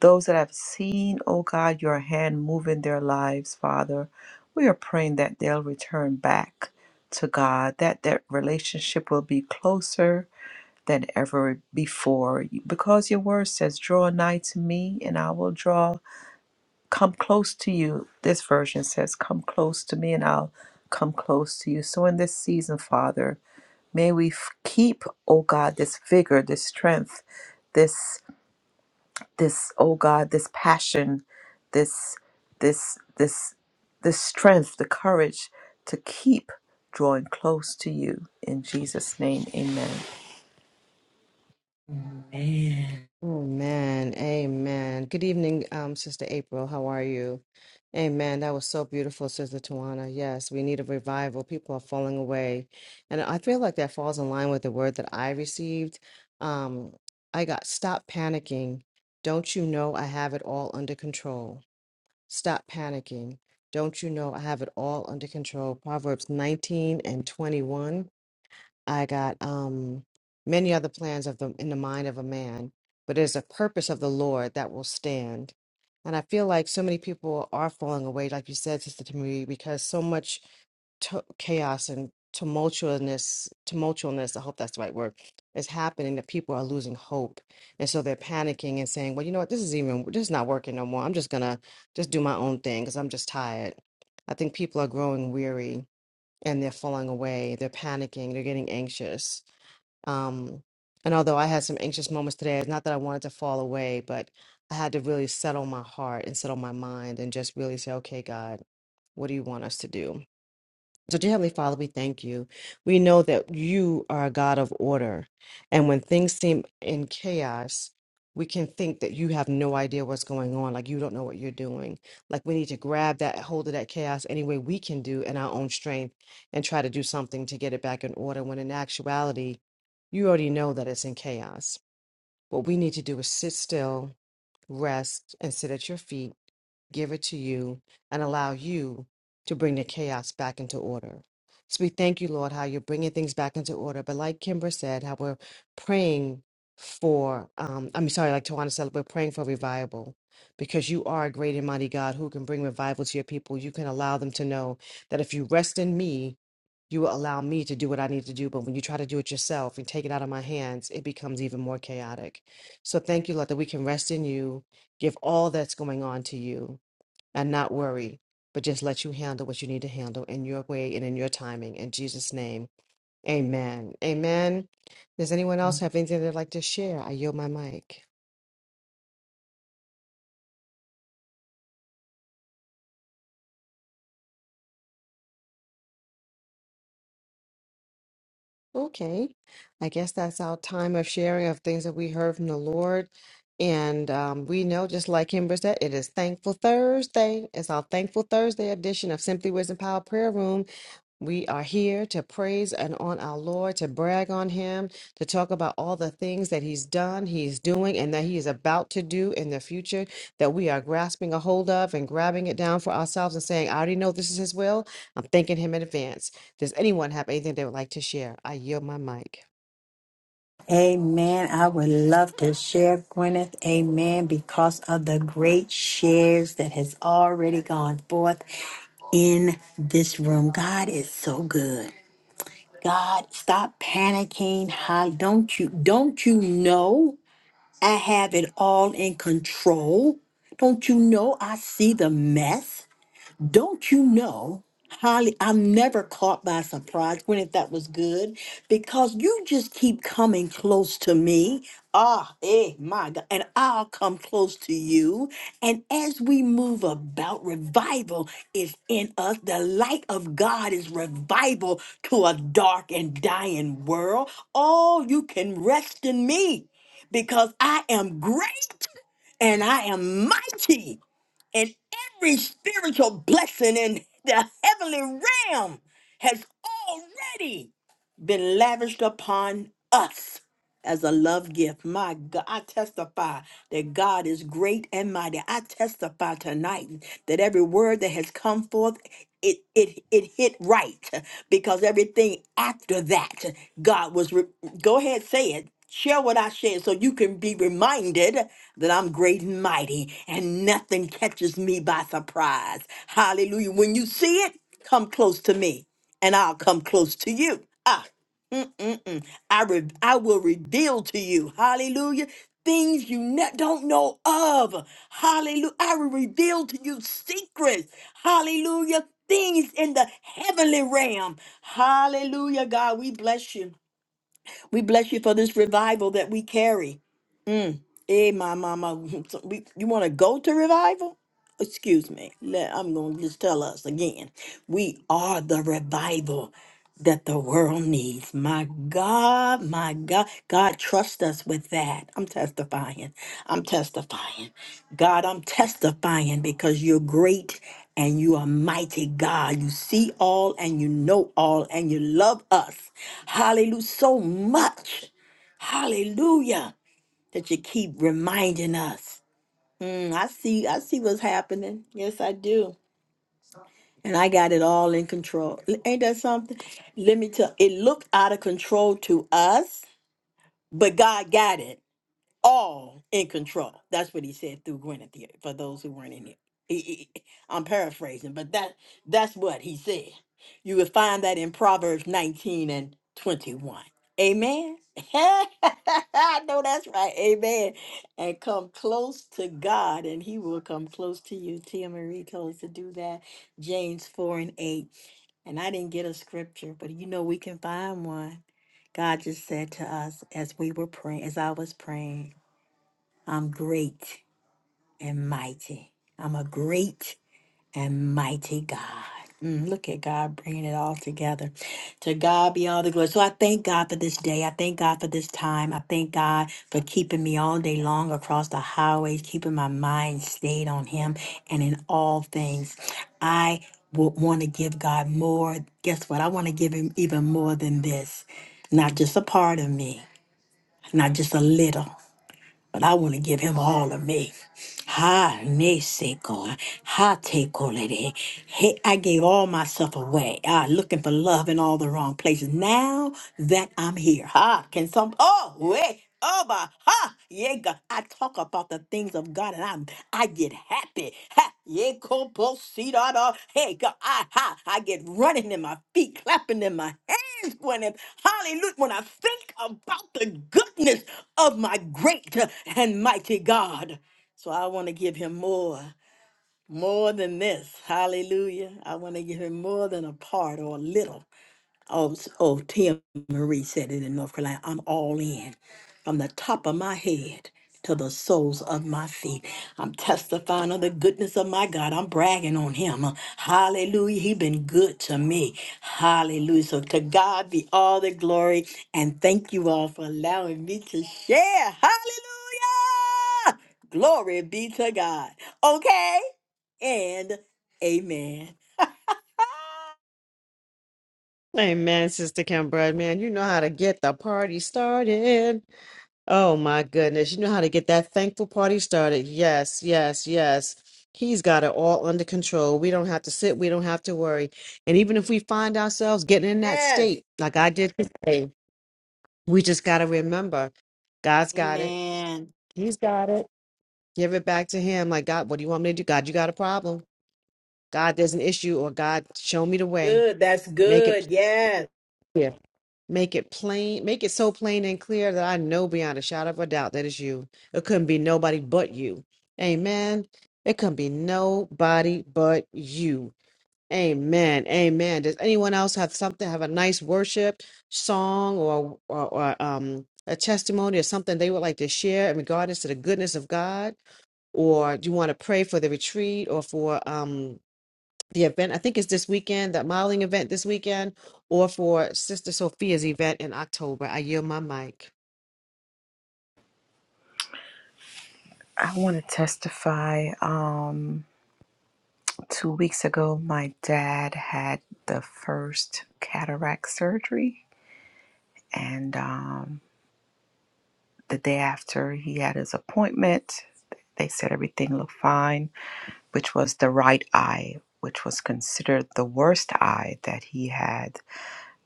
[SPEAKER 2] those that have seen, O God, your hand move in their lives, Father, we are praying that they'll return back to God, that that relationship will be closer than ever before. Because your word says, Draw nigh to me, and I will draw come close to you. This version says, Come close to me, and I'll come close to you. So in this season, Father, may we f- keep, oh God, this vigor, this strength, this, this, oh God, this passion, this, this, this, this strength, the courage to keep drawing close to you. In Jesus' name, amen.
[SPEAKER 3] Amen.
[SPEAKER 1] Amen. Amen. Good evening, um, Sister April. How are you? Amen. That was so beautiful, Sister Tawana. Yes, we need a revival. People are falling away. And I feel like that falls in line with the word that I received. Um, I got stop panicking. Don't you know I have it all under control? Stop panicking. Don't you know I have it all under control? Proverbs 19 and 21. I got um many other plans of the in the mind of a man, but there's a purpose of the Lord that will stand. And I feel like so many people are falling away, like you said, Sister Tamiri, because so much tu- chaos and tumultuousness tumultuousness i hope that's the right word is happening that people are losing hope and so they're panicking and saying well you know what this is even this is not working no more i'm just gonna just do my own thing because i'm just tired i think people are growing weary and they're falling away they're panicking they're getting anxious um and although i had some anxious moments today it's not that i wanted to fall away but i had to really settle my heart and settle my mind and just really say okay god what do you want us to do so, dear Heavenly Father, we thank you. We know that you are a God of order. And when things seem in chaos, we can think that you have no idea what's going on, like you don't know what you're doing. Like we need to grab that hold of that chaos any way we can do in our own strength and try to do something to get it back in order when in actuality, you already know that it's in chaos. What we need to do is sit still rest, and sit at your feet, give it to you, and allow you to bring the chaos back into order. So we thank you, Lord, how you're bringing things back into order. But like Kimber said, how we're praying for, um, I'm sorry, like Tawana said, we're praying for revival because you are a great and mighty God who can bring revival to your people. You can allow them to know that if you rest in me, you will allow me to do what I need to do. But when you try to do it yourself and take it out of my hands, it becomes even more chaotic. So thank you, Lord, that we can rest in you, give all that's going on to you, and not worry, but just let you handle what you need to handle in your way and in your timing. In Jesus' name, amen. Amen. Does anyone else have anything they'd like to share? I yield my mic. Okay. I guess that's our time of sharing of things that we heard from the Lord. And um, we know, just like Kimber said, it is Thankful Thursday. It's our Thankful Thursday edition of Simply Wisdom Power Prayer Room. We are here to praise and on our Lord, to brag on Him, to talk about all the things that He's done, He's doing, and that He is about to do in the future that we are grasping a hold of and grabbing it down for ourselves and saying, I already know this is His will. I'm thanking Him in advance. Does anyone have anything they would like to share? I yield my mic.
[SPEAKER 3] Amen. I would love to share, Gwyneth. Amen. Because of the great shares that has already gone forth in this room. God is so good. God, stop panicking. How don't you don't you know I have it all in control? Don't you know I see the mess? Don't you know? Holly, I'm never caught by surprise. Gwyneth, that was good because you just keep coming close to me. Ah, eh, my God. And I'll come close to you. And as we move about, revival is in us. The light of God is revival to a dark and dying world. Oh, you can rest in me because I am great and I am mighty and every spiritual blessing in the heavenly realm has already been lavished upon us as a love gift. My God, I testify that God is great and mighty. I testify tonight that every word that has come forth, it it it hit right because everything after that, God was. Re- Go ahead, say it. Share what I shared so you can be reminded that I'm great and mighty and nothing catches me by surprise. Hallelujah. When you see it, come close to me and I'll come close to you. Ah, mm-mm-mm. I, re- I will reveal to you, hallelujah, things you ne- don't know of. Hallelujah. I will reveal to you secrets. Hallelujah. Things in the heavenly realm. Hallelujah, God. We bless you. We bless you for this revival that we carry. Hey, my mama, we- you want to go to revival? Excuse me. le- I'm going to just tell us again. We are the revival that the world needs. My God, my God. God, trust us with that. I'm testifying. I'm testifying. God, I'm testifying because you're great and you are mighty God. You see all and you know all and you love us. Hallelujah. So much. Hallelujah that you keep reminding us. Mm, I see, I see what's happening. Yes, I do. And I got it all in control. L- Ain't that something? Let me tell it looked out of control to us, but God got it all in control. That's what he said through Guinevere. For those who weren't in it, He- he- I'm paraphrasing, but that that's what he said. You would find that in Proverbs 19 and 21. Amen. I know that's right. Amen. And come close to God, and He will come close to you. Tia Marie told us to do that. James 4 and 8. And I didn't get a scripture, but you know we can find one. God just said to us as we were praying, as I was praying, I'm great and mighty. I'm a great and mighty God. Mm, look at God bringing it all together. To God be all the glory. So I thank God for this day. I thank God for this time. I thank God for keeping me all day long across the highways, keeping my mind stayed on Him and in all things. I want to give God more. Guess what? I want to give Him even more than this. Not just a part of me, not just a little, but I want to give Him all of me. Ha ne seko, ha te kolere. Hey, I gave all myself away. Ah, looking for love in all the wrong places. Now that I'm here, ha can some. Oh wait, oh bah, ha yeah. God. I talk about the things of God and I'm I get happy. Ha yeah, kopo see da da. Hey God, I ha I get running in my feet, clapping in my hands when it. Hallelujah when I think about the goodness of my great and mighty God. So I want to give him more, more than this. Hallelujah. I want to give him more than a part or a little. Oh, s- oh, Tia Marie said it in North Carolina. I'm all in from the top of my head to the soles of my feet. I'm testifying of the goodness of my God. I'm bragging on him. Hallelujah. He been good to me. Hallelujah. So to God be all the glory. And thank you all for allowing me to share. Hallelujah. Glory be to God. Okay. And amen.
[SPEAKER 1] Amen, Sister Kim Bread, man. You know how to get the party started. Oh my goodness. You know how to get that thankful party started. Yes, yes, yes. He's got it all under control. We don't have to sit, we don't have to worry. And even if we find ourselves getting in that
[SPEAKER 3] Yes.
[SPEAKER 1] state, like I did today, we just got to remember God's got it.
[SPEAKER 3] Amen.
[SPEAKER 1] He's got it. Give it back to Him. Like, God, what do you want me to do? God, you got a problem. God, there's an issue, or God, show me the way.
[SPEAKER 3] Good. That's
[SPEAKER 1] Make it
[SPEAKER 3] good. Yes.
[SPEAKER 1] clear. Make it plain, make it so plain and clear that I know beyond a shadow of a doubt that it's you. It couldn't be nobody but you. Amen. It couldn't be nobody but you. Amen. Amen. Does anyone else have something, have a nice worship song or, or, or um, a testimony or something they would like to share in regards to the goodness of God? Or do you want to pray for the retreat or for um, the event. I think is this weekend, that modeling event this weekend, or for Sister Sophia's event in October. I yield my mic.
[SPEAKER 2] I want to testify. Um, Two weeks ago, my dad had the first cataract surgery, and um, the day after he had his appointment, they said everything looked fine, which was the right eye, which was considered the worst eye that he had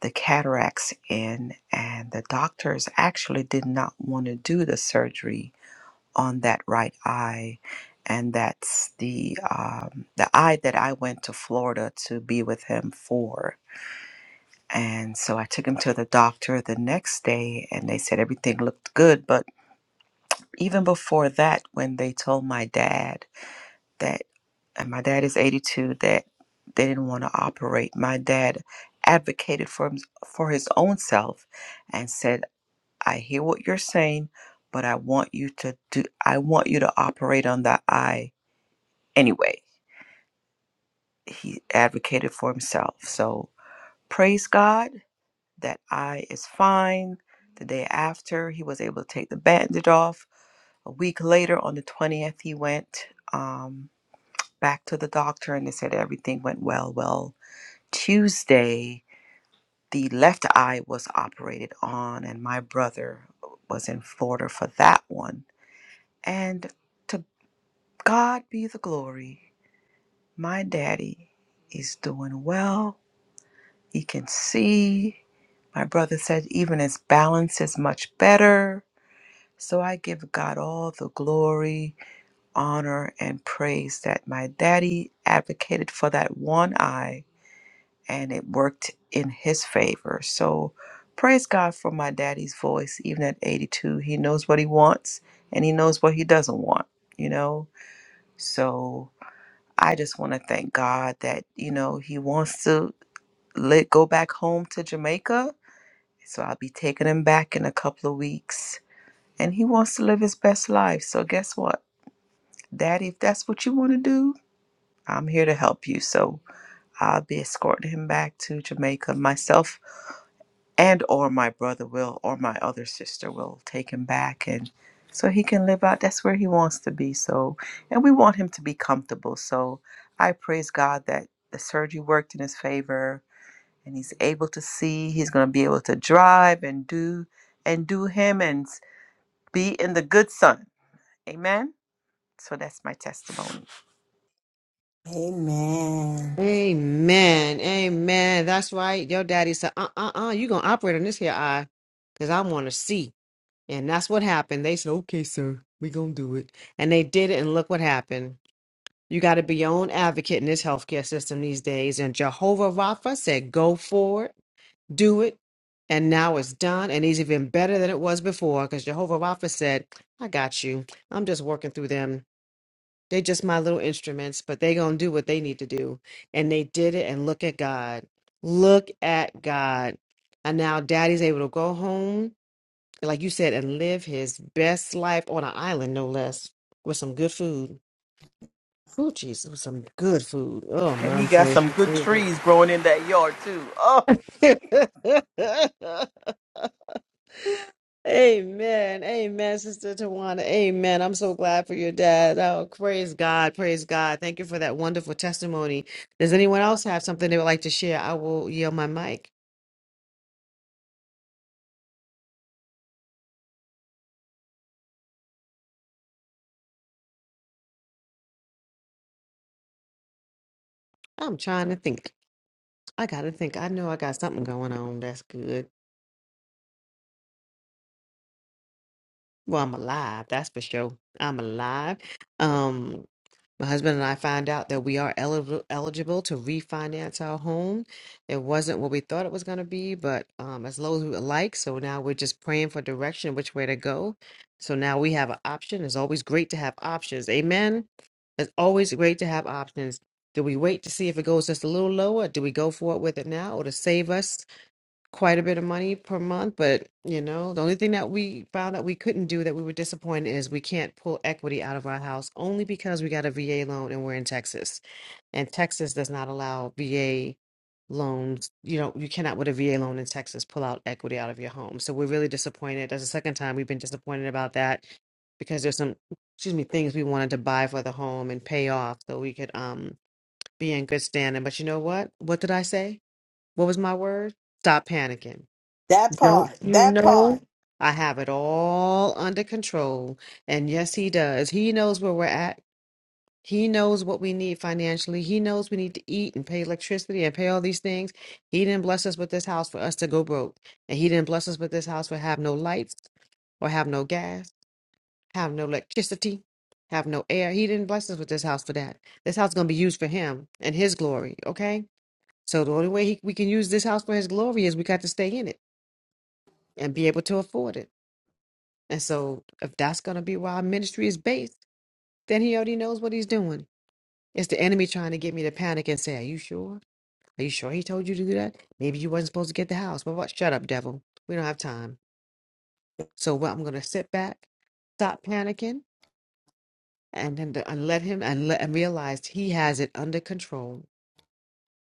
[SPEAKER 2] the cataracts in. And the doctors actually did not want to do the surgery on that right eye. And that's the um, the eye that I went to Florida to be with him for And so I took him to the doctor the next day, and they said everything looked good. But even before that, when they told my dad that, and my dad is 82, that they didn't want to operate, my dad advocated for, him, for his own self and said, I hear what you're saying, but I want you to do, I want you to operate on the eye anyway. He advocated for himself. So praise God that eye is fine. The day after, he was able to take the bandage off. A week later, on the 20th, he went um, back to the doctor and they said everything went well. Well, Tuesday, the left eye was operated on, and my brother was in Florida for that one. And to God be the glory, my daddy is doing well. He can see. My brother said even his balance is much better So I give God all the glory, honor, and praise that my daddy advocated for that one eye and it worked in his favor. So praise God for my daddy's voice, even at 82. He knows what he wants and he knows what he doesn't want, you know? So I just want to thank God that, you know, he wants to let go back home to Jamaica. So I'll be taking him back in a couple of weeks. And he wants to live his best life. So guess what? that if that's what you want to do, I'm here to help you. So I'll be escorting him back to Jamaica myself and or my brother will or my other sister will take him back and so he can live out that's where he wants to be. So and we want him to be comfortable. So I praise God that the surgery worked in his favor and he's able to see, he's going to be able to drive and do and do him and be in the good sun. Amen. So that's my testimony.
[SPEAKER 3] Amen.
[SPEAKER 1] Amen. Amen. That's right. Your daddy said, uh uh uh, you going to operate on this here eye because I want to see. And that's what happened. They said, okay, sir, we going to do it. And they did it. And look what happened. You got to be your own advocate in this healthcare system these days. And Jehovah Rapha said, go forward do it, and now it's done, and it's even better than it was before because Jehovah Rapha said, I got you. I'm just working through them. They're just my little instruments, but they going to do what they need to do. And they did it, and look at God. Look at God. And now daddy's able to go home, like you said, and live his best life on an island, no less, with some good food. Oh, Jesus, with some good food. Oh,
[SPEAKER 2] And you
[SPEAKER 1] my
[SPEAKER 2] got
[SPEAKER 1] boy.
[SPEAKER 2] some good trees growing in that yard too. Oh,
[SPEAKER 1] Amen. Amen, Sister Tawana. Amen. I'm so glad for your dad. Oh, praise God. Praise God. Thank you for that wonderful testimony. Does anyone else have something they would like to share? I will yield my mic. I'm trying to think. I got to think. I know I got something going on. That's good. Well, I'm alive. That's for sure. I'm alive. Um. My husband and I found out that we are eligible eligible to refinance our home. It wasn't what we thought it was going to be, but um, as low as we would like. So now we're just praying for direction, which way to go. So now we have an option. It's always great to have options. Amen. It's always great to have options. Do we wait to see if it goes just a little lower? Do we go for it with it now or to save us? quite a bit of money per month, but you know, the only thing that we found that we couldn't do that we were disappointed is we can't pull equity out of our house only because we got a VA loan and we're in Texas. And Texas does not allow VA loans. You know, you cannot with a VA loan in Texas pull out equity out of your home. So we're really disappointed. That's the second time we've been disappointed about that because there's some excuse me things we wanted to buy for the home and pay off so we could um be in good standing. But you know what? What did I say? What was my word? Stop panicking
[SPEAKER 3] That
[SPEAKER 1] don't
[SPEAKER 3] part.
[SPEAKER 1] you
[SPEAKER 3] That part.
[SPEAKER 1] know? I have it all under control. And yes, he does. He knows where we're at. He knows what we need financially. He knows we need to eat and pay electricity and pay all these things. He didn't bless us with this house for us to go broke. And he didn't bless us with this house for have no lights or have no gas, have no electricity, have no air. He didn't bless us with this house for that. This house is going to be used for him and his glory, okay? So the only way he, we can use this house for his glory is we got to stay in it and be able to afford it. And so, if that's going to be where our ministry is based, then he already knows what he's doing. It's the enemy trying to get me to panic and say, Are you sure? Are you sure he told you to do that? Maybe you wasn't supposed to get the house. But what? Shut up, devil. We don't have time. So, what I'm going to sit back, stop panicking, and then to, and let him and let and realize he has it under control.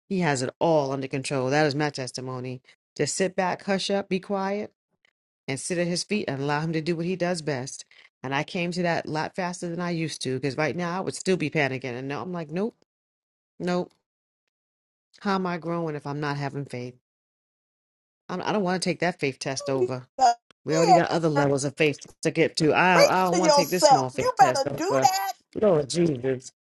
[SPEAKER 1] He has it all under control. That is my testimony. Just sit back, hush up, be quiet and sit at his feet and allow him to do what he does best. And I came to that a lot faster than I used to because right now I would still be panicking. And now I'm like, nope, nope. How am I growing if I'm not having faith? I'm, I don't want to take that faith test over. We already
[SPEAKER 3] Yeah,
[SPEAKER 1] got other levels of faith to get to. I don't, I
[SPEAKER 3] Preach
[SPEAKER 1] don't
[SPEAKER 3] to
[SPEAKER 1] want to take this
[SPEAKER 3] yourself.
[SPEAKER 1] small
[SPEAKER 3] You
[SPEAKER 1] faith test
[SPEAKER 3] better do
[SPEAKER 1] over.
[SPEAKER 3] that.
[SPEAKER 1] Lord Jesus.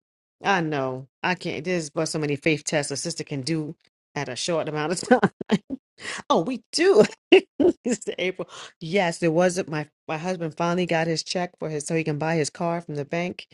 [SPEAKER 1] I know. I can't. There's but so many faith tests a sister can do at a short amount of time. Oh, we do. It's April. Yes, there was a- my my husband finally got his check for his so he can buy his car from the bank.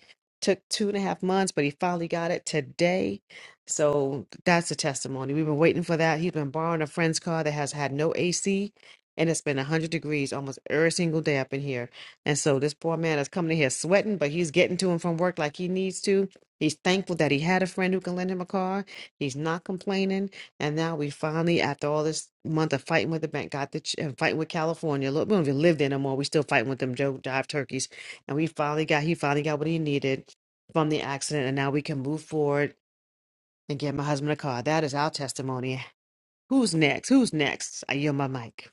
[SPEAKER 1] Took two and a half months, but he finally got it today. So that's a testimony. We've been waiting for that. He's been borrowing a friend's car that has had no AC, and it's been 100 degrees almost every single day up in here. And so this poor man is coming in here sweating, but he's getting to him from work like he needs to. He's thankful that he had a friend who can lend him a car. He's not complaining and now we finally, after all this month of fighting with the bank, got the ch- and fighting with California. Look, we don't even live there no more. We still fighting with them Joe Jive turkeys. And we finally got he finally got what he needed from the accident, and now we can move forward and get my husband a car. That is our testimony. Who's next? Who's next? I yield my mic.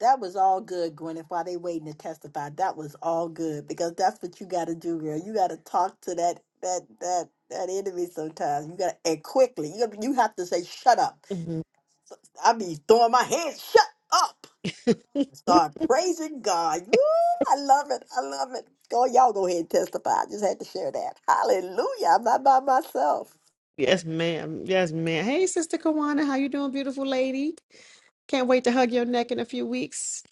[SPEAKER 3] That was all good, Gwyneth, while they waiting to testify. That was all good because that's what you gotta do, girl. You gotta talk to that that that that enemy sometimes. You gotta and quickly. You you have to say, shut up.
[SPEAKER 1] Mhm.
[SPEAKER 3] I be throwing my hands shut up. Start praising God. Woo, I love it. I love it. Go, y'all go ahead and testify. I just had to share that. Hallelujah. I'm not by myself.
[SPEAKER 1] Yes, ma'am. Yes, ma'am. Hey, Sister Kawana, how you doing, beautiful lady? Can't wait to hug your neck in a few weeks.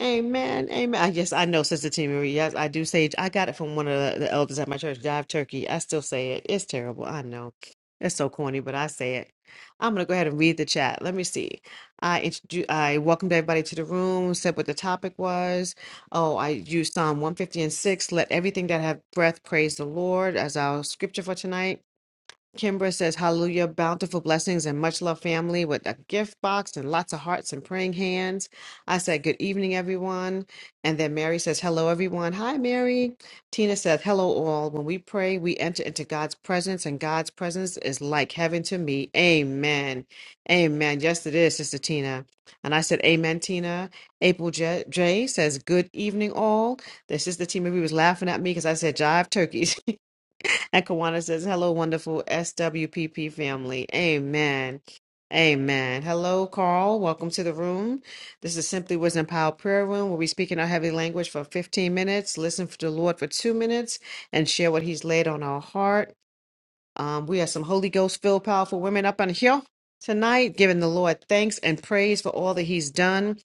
[SPEAKER 1] Amen. Amen. I, yes, I know, Sister T. Marie. Yes, I do say I got it from one of the, the elders at my church, Jive Turkey. I still say it. It's terrible. I know. It's so corny, but I say it. I'm gonna go ahead and read the chat. Let me see. I introduce I welcomed everybody to the room, said what the topic was. Oh, I used Psalm 150 and 6. Let everything that have breath praise the Lord as our scripture for tonight. Kimbra says, Hallelujah, bountiful blessings and much love, family, with a gift box and lots of hearts and praying hands. I said, Good evening, everyone. And then Mary says, Hello, everyone. Hi, Mary. Tina says, Hello, all. When we pray, we enter into God's presence, and God's presence is like heaven to me. Amen. Amen. Yes, it is, Sister Tina. And I said, Amen, Tina. April J, J says, Good evening, all. The sister Tina, we was laughing at me because I said, Jive turkeys. And Kawana says, Hello, wonderful SWPP family. Amen. Amen. Hello, Carl. Welcome to the room. This is Simply Wisdom Power Prayer Room, where we speak in our heavy language for 15 minutes, listen for the Lord for two minutes, and share what He's laid on our heart. Um, we have some Holy Ghost filled powerful women up on here tonight, giving the Lord thanks and praise for all that He's done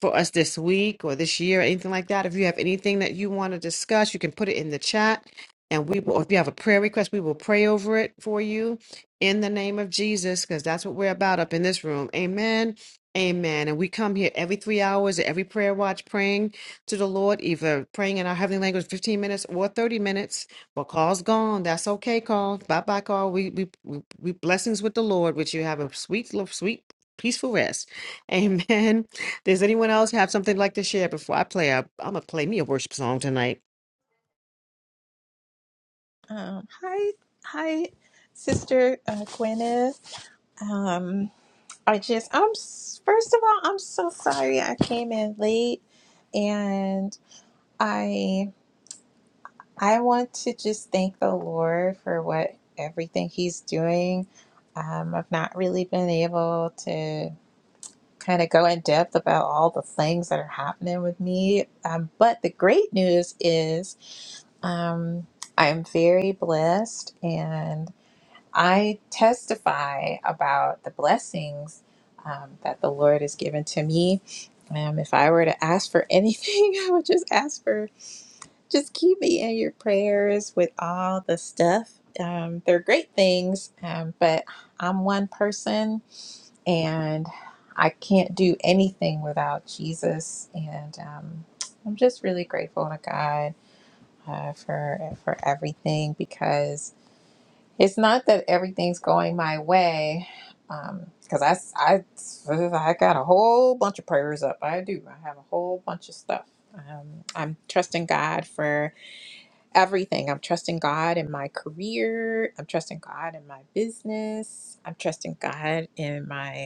[SPEAKER 1] for us this week or this year, or anything like that. If you have anything that you want to discuss, you can put it in the chat. And we will, if you have a prayer request, we will pray over it for you in the name of Jesus, because that's what we're about up in this room. Amen. Amen. And we come here every three hours, every prayer watch, praying to the Lord, either praying in our heavenly language 15 minutes or 30 minutes well, Carl's gone. That's okay, Carl. Bye, bye, Carl. We we we we blessings with the Lord. Which you have a sweet, lo- sweet, peaceful rest. Amen. Does anyone else have something like to share before I play? i am am gonna play me a worship song tonight.
[SPEAKER 4] Um, hi, hi, Sister uh, Gwyneth. Um, I just, I'm s- first of all, I'm so sorry I came in late, and I, I want to just thank the Lord for what everything He's doing. Um, I've not really been able to kind of go in depth about all the things that are happening with me, um, but the great news is um, I'm very blessed, and I testify about the blessings um, that the Lord has given to me. Um, if I were to ask for anything, I would just ask for just keep me in your prayers with all the stuff. Um, they're great things, um, but I'm one person and I can't do anything without Jesus. And um, I'm just really grateful to God uh, for for everything because it's not that everything's going my way, um, because I, s- I, I got a whole bunch of prayers up. I do. I have a whole bunch of stuff. Um, I'm trusting God for everything. I'm trusting God in my career. I'm trusting God in my business. I'm trusting God in my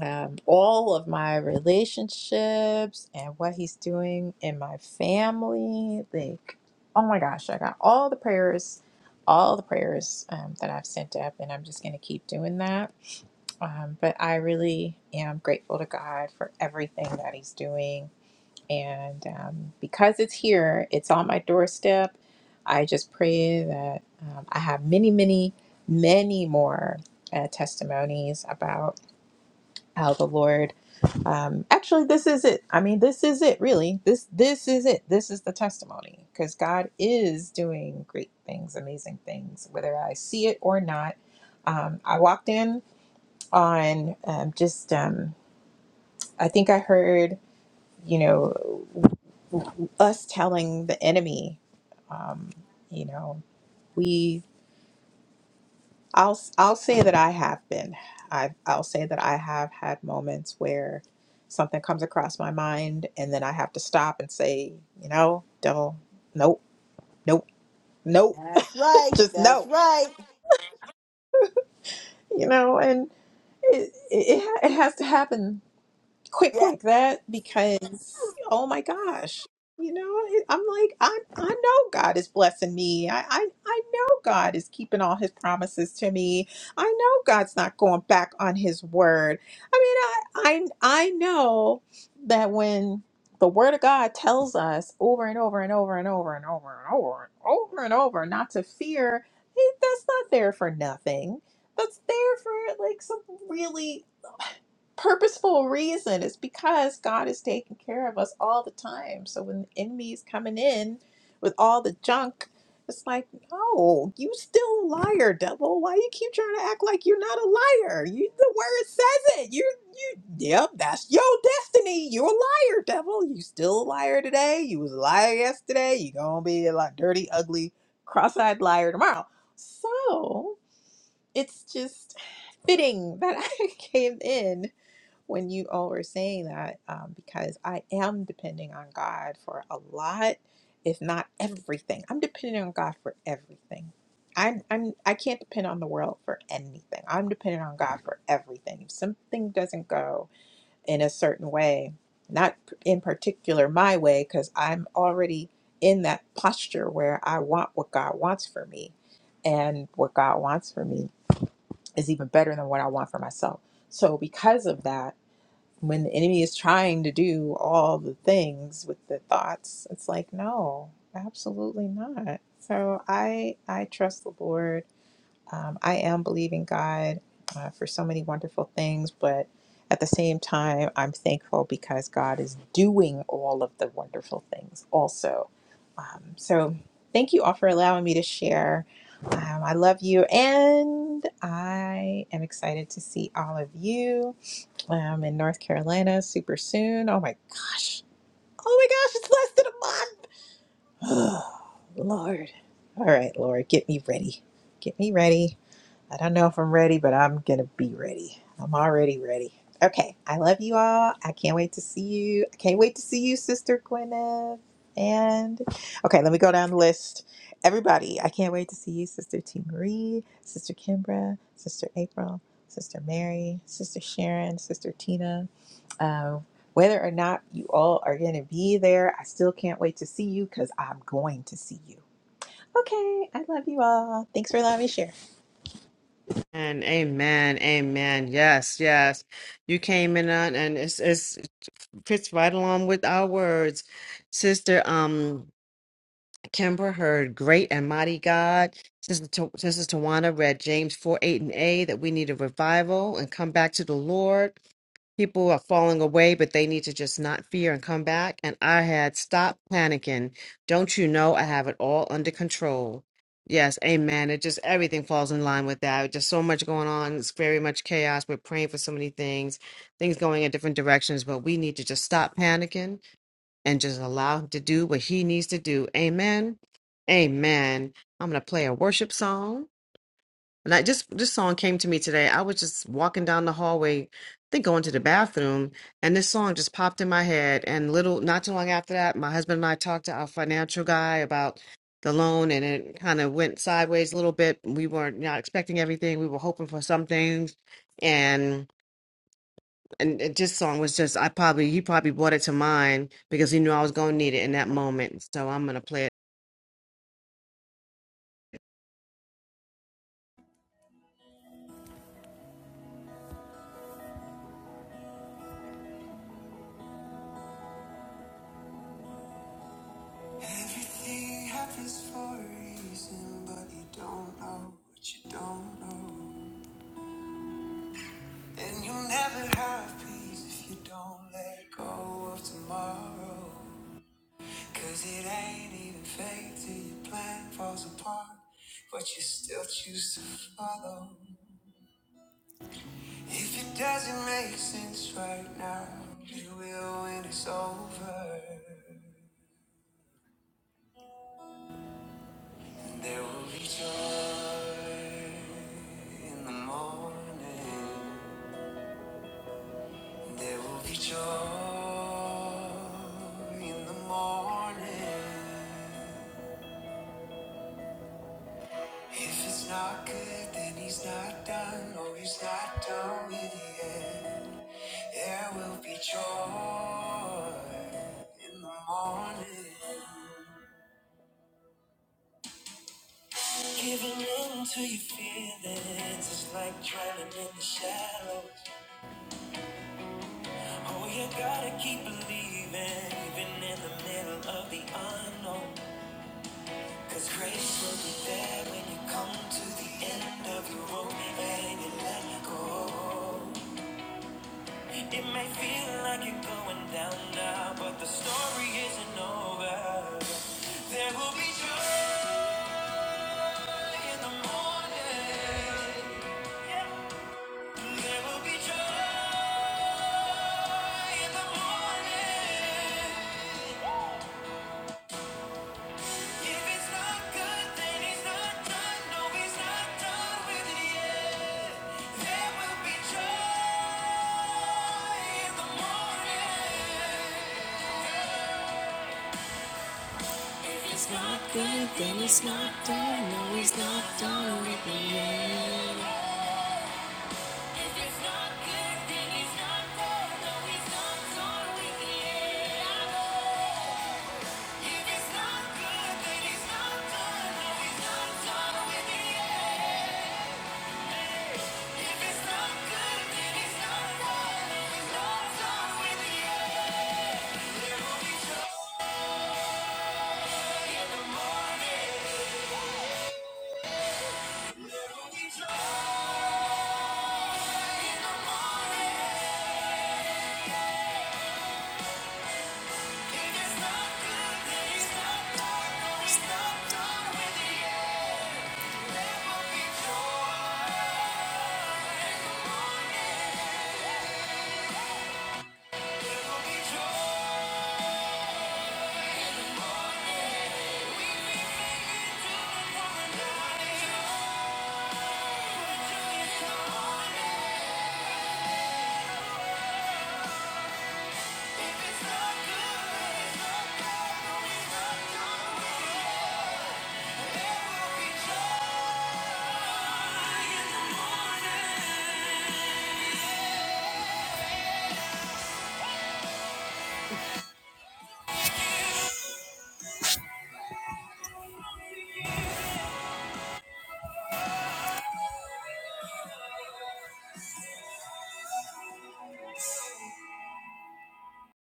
[SPEAKER 4] um, all of my relationships and what he's doing in my family. Like, oh my gosh, I got all the prayers, all the prayers um, that I've sent up, and I'm just going to keep doing that. Um, but I really am grateful to God for everything that he's doing. And um, because it's here, it's on my doorstep. I just pray that um, I have many, many, many more uh, testimonies about how the Lord um actually this is it i mean this is it really this this is it this is the testimony because god is doing great things amazing things whether i see it or not um i walked in on um, just um i think i heard you know us telling the enemy um you know we. I'll I'll say that I have been. I I'll say that I have had moments where something comes across my mind and then I have to stop and say, you know, don't, nope, nope, nope,
[SPEAKER 3] That's right.
[SPEAKER 4] just
[SPEAKER 3] That's
[SPEAKER 4] no,
[SPEAKER 3] right.
[SPEAKER 4] you know, and it it, it ha- it has to happen quick
[SPEAKER 3] Yeah.
[SPEAKER 4] like that because oh my gosh you know it- i'm like i i know god is blessing me I, I i know god is keeping all his promises to me i know god's not going back on his word i mean i i, I know that when the word of god tells us over and over and over and over and over and over and over and over not to fear it- that's not there for nothing that's there for like some really purposeful reason It's because God is taking care of us all the time. So when the enemy is coming in with all the junk, it's like, no, you still a liar, devil. Why you keep trying to act like you're not a liar? You the word says it. You you yep, that's your destiny. You're a liar, devil. You still a liar today. You was a liar yesterday. You gonna be a lot dirty, ugly, cross-eyed liar tomorrow. So it's just fitting that I came in when you all were saying that um, because I am depending on God for a lot, if not everything. I'm depending on God for everything. I'm, I'm I can't depend on the world for anything. I'm dependent on God for everything. If something doesn't go in a certain way, not in particular my way, because I'm already in that posture where I want what God wants for me, and what God wants for me is even better than what I want for myself. So because of that when the enemy is trying to do all the things with the thoughts it's like no absolutely not so i i trust the lord um, i am believing god uh, for so many wonderful things but at the same time i'm thankful because god is doing all of the wonderful things also um, so thank you all for allowing me to share um, i love you and i am excited to see all of you I'm in North Carolina super soon. Oh my gosh. Oh my gosh, it's less than a month. Lord. All right, Lord, get me ready. Get me ready. I don't know if I'm ready, but I'm going to be ready. I'm already ready. Okay. I love you all. I can't wait to see you. I can't wait to see you, Sister Gwyneth. And okay, let me go down the list. Everybody, I can't wait to see you, Sister T. Marie, Sister Kimbra, Sister April, Sister Mary, Sister Sharon, Sister Tina. Uh, whether or not you all are going to be there, I still can't wait to see you because I'm going to see you. Okay, I love you all. Thanks for allowing me to share.
[SPEAKER 1] And amen, amen. Yes, yes. You came in on, and it's it's fits right along with our words, sister. Um, Kimbra heard Great and Mighty God. Sister, Ta- Sister Tawana read James 4 8 and A that we need a revival and come back to the Lord. People are falling away, but they need to just not fear and come back. And I had stopped panicking. Don't you know I have it all under control? Yes, amen. It just everything falls in line with that. Just so much going on. It's very much chaos. We're praying for so many things, things going in different directions, but we need to just stop panicking and just allow him to do what he needs to do. Amen. Amen. I'm gonna play a worship song. And I just this song came to me today. I was just walking down the hallway, I think going to the bathroom, and this song just popped in my head. And little not too long after that, my husband and I talked to our financial guy about the loan and it kind of went sideways a little bit. We weren't not expecting everything. We were hoping for some things. and. And it- this song was just, I probably, he probably brought it to mind because he knew I was going to need it in that moment. So I'm going to play it. Everything happens for a reason, but you don't know what you don't know. And you'll never have peace if you don't let go of tomorrow. Cause it ain't even fake till your plan falls apart, but you still choose to follow. If it doesn't make sense right now, it will when it's over. And There will be joy in the morning. And There will be joy in the morning. If it's not good, then he's not done. Oh, he's not done with it yet. There will be joy in the morning. Giving in to your feelings is like drowning in the shallows. Oh, you gotta keep believing, even in the middle of the unknown. Cause grace will be there when you come to the end of your rope and you let go. It may feel like you're going down now, but the story isn't over. There will be joy in the morning. There will be joy. It's not good, then it's not done. No, he's not done with me yet. If it's not good, then he's not done. No, he's not done with the end. Joy.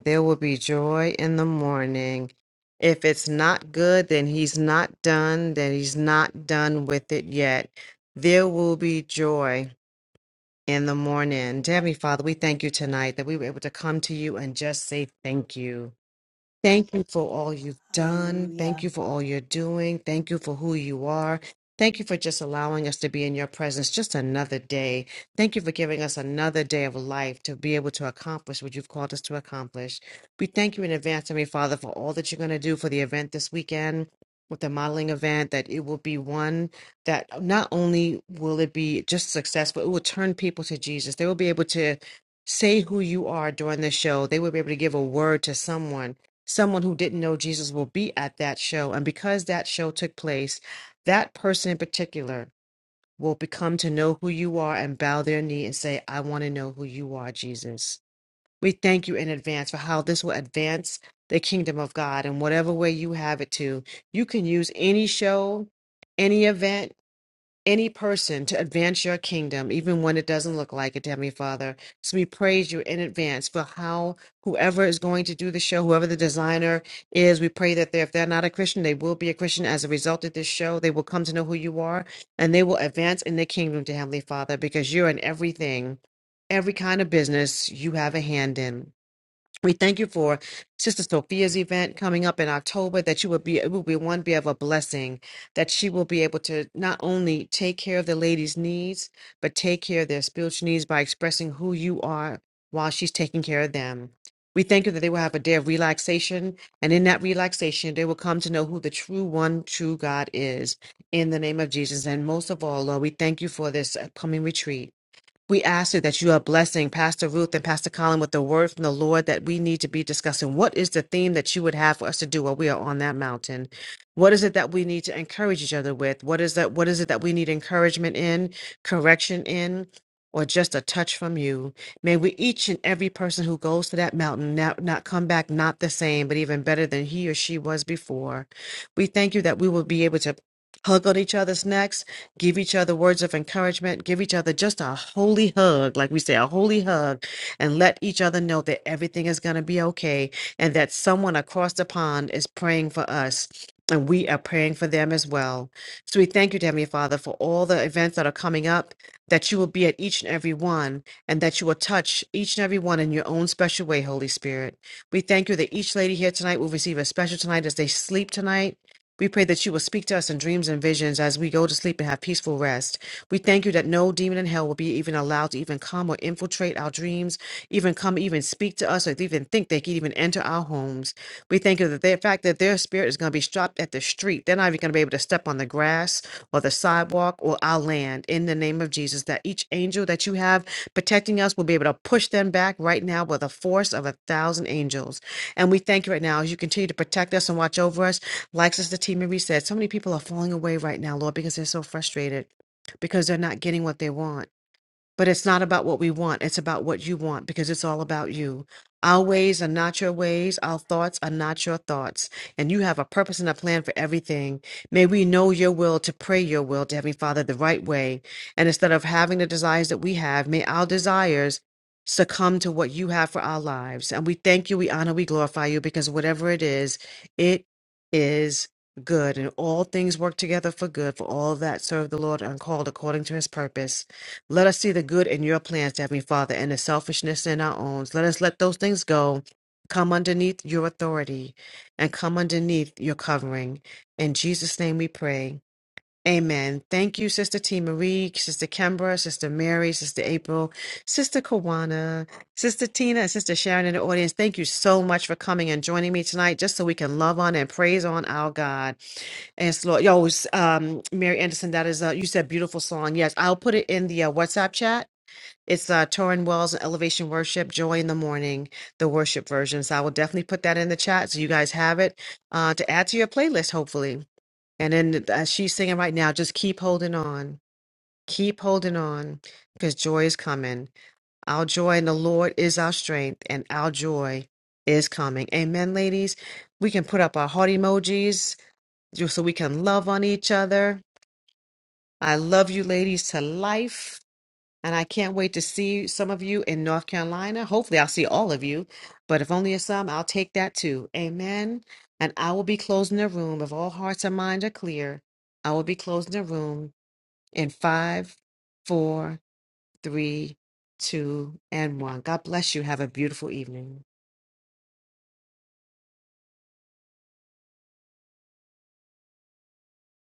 [SPEAKER 1] There will be joy in the morning. If it's not good, then he's not done, then he's not done with it yet. There will be joy in the morning. Dear Heavenly Father, we thank you tonight that we were able to come to you and just say thank you. Thank you for all you've done.
[SPEAKER 3] Hallelujah.
[SPEAKER 1] Thank you for all you're doing. Thank you for who you are. Thank you for just allowing us to be in your presence just another day. Thank you for giving us another day of life to be able to accomplish what you've called us to accomplish. We thank you in advance, Heavenly Father, for all that you're going to do for the event this weekend with the modeling event, that it will be one that not only will it be just successful, it will turn people to Jesus. They will be able to say who you are during the show. They will be able to give a word to someone someone who didn't know Jesus will be at that show. And because that show took place, that person in particular will become to know who you are and bow their knee and say, I want to know who you are, Jesus. We thank you in advance for how this will advance the kingdom of God in whatever way you have it to. You can use any show, any event any person to advance your kingdom, even when it doesn't look like it, Heavenly Father. So we praise you in advance for how whoever is going to do the show, whoever the designer is, we pray that they, if they're not a Christian, they will be a Christian as a result of this show. They will come to know who you are and they will advance in the kingdom to Heavenly Father because you're in everything, every kind of business you have a hand in. We thank you for Sister Sophia's event coming up in October. That you will be, it will be one be of a blessing. That she will be able to not only take care of the ladies' needs, but take care of their spiritual needs by expressing who you are while she's taking care of them. We thank you that they will have a day of relaxation, and in that relaxation, they will come to know who the true one, true God is. In the name of Jesus, and most of all, Lord, we thank you for this upcoming retreat. We ask you that you are blessing Pastor Ruth and Pastor Colin with the word from the Lord that we need to be discussing. What is the theme that you would have for us to do while we are on that mountain? What is it that we need to encourage each other with? What is that what is it that we need encouragement in, correction in, or just a touch from you? May we each and every person who goes to that mountain not, not come back not the same, but even better than he or she was before. We thank you that we will be able to hug on each other's necks, give each other words of encouragement, give each other just a holy hug, like we say, a holy hug, and let each other know that everything is going to be okay and that someone across the pond is praying for us. And we are praying for them as well. So we thank you, dear Heavenly Father, for all the events that are coming up, that you will be at each and every one, and that you will touch each and every one in your own special way, Holy Spirit. We thank you that each lady here tonight will receive a special tonight as they sleep tonight we pray that you will speak to us in dreams and visions as we go to sleep and have peaceful rest. We thank you that no demon in hell will be even allowed to even come or infiltrate our dreams, even come, even speak to us, or even think they could even enter our homes. We thank you that the fact that their spirit is going to be stopped at the street. They're not even going to be able to step on the grass or the sidewalk or our land in the name of Jesus. That each angel that you have protecting us will be able to push them back right now with a force of a thousand angels. And we thank you right now as you continue to protect us and watch over us. Like Sister T. Marie said, so many people are falling away right now, Lord, because they're so frustrated, because they're not getting what they want but it's not about what we want. It's about what you want because it's all about you. Our ways are not your ways. Our thoughts are not your thoughts. And you have a purpose and a plan for everything. May we know your will to pray your will to Heavenly Father the right way. And instead of having the desires that we have, may our desires succumb to what you have for our lives. And we thank you, we honor, we glorify you because whatever it is, it is good. And all things work together for good for all that serve the Lord and are called according to his purpose. Let us see the good in your plans, Heavenly Father, and the selfishness in our own. Let us let those things go. Come underneath your authority and come underneath your covering. In Jesus' name we pray. Amen. Thank you, Sister T. Marie, Sister Kimbra, Sister Mary, Sister April, Sister Kawana, Sister Tina, and Sister Sharon in the audience. Thank you so much for coming and joining me tonight, just so we can love on and praise on our God. Yes, Lord. Yo, s- um, Mary Anderson, that is, uh, you said beautiful song. Yes, I'll put it in the uh, WhatsApp chat. It's uh, Torin Wells and Elevation Worship, Joy in the Morning, the worship version. So I will definitely put that in the chat so you guys have it uh, to add to your playlist, hopefully. And then as she's singing right now, just keep holding on. Keep holding on because joy is coming. Our joy in the Lord is our strength, and our joy is coming. Amen, ladies. We can put up our heart emojis just so we can love on each other. I love you, ladies, to life. And I can't wait to see some of you in North Carolina. Hopefully, I'll see all of you. But if only it's some, I'll take that too. Amen. And I will be closing the room. If all hearts and minds are clear, I will be closing the room in five, four, three, two, and one. God bless you. Have a beautiful evening.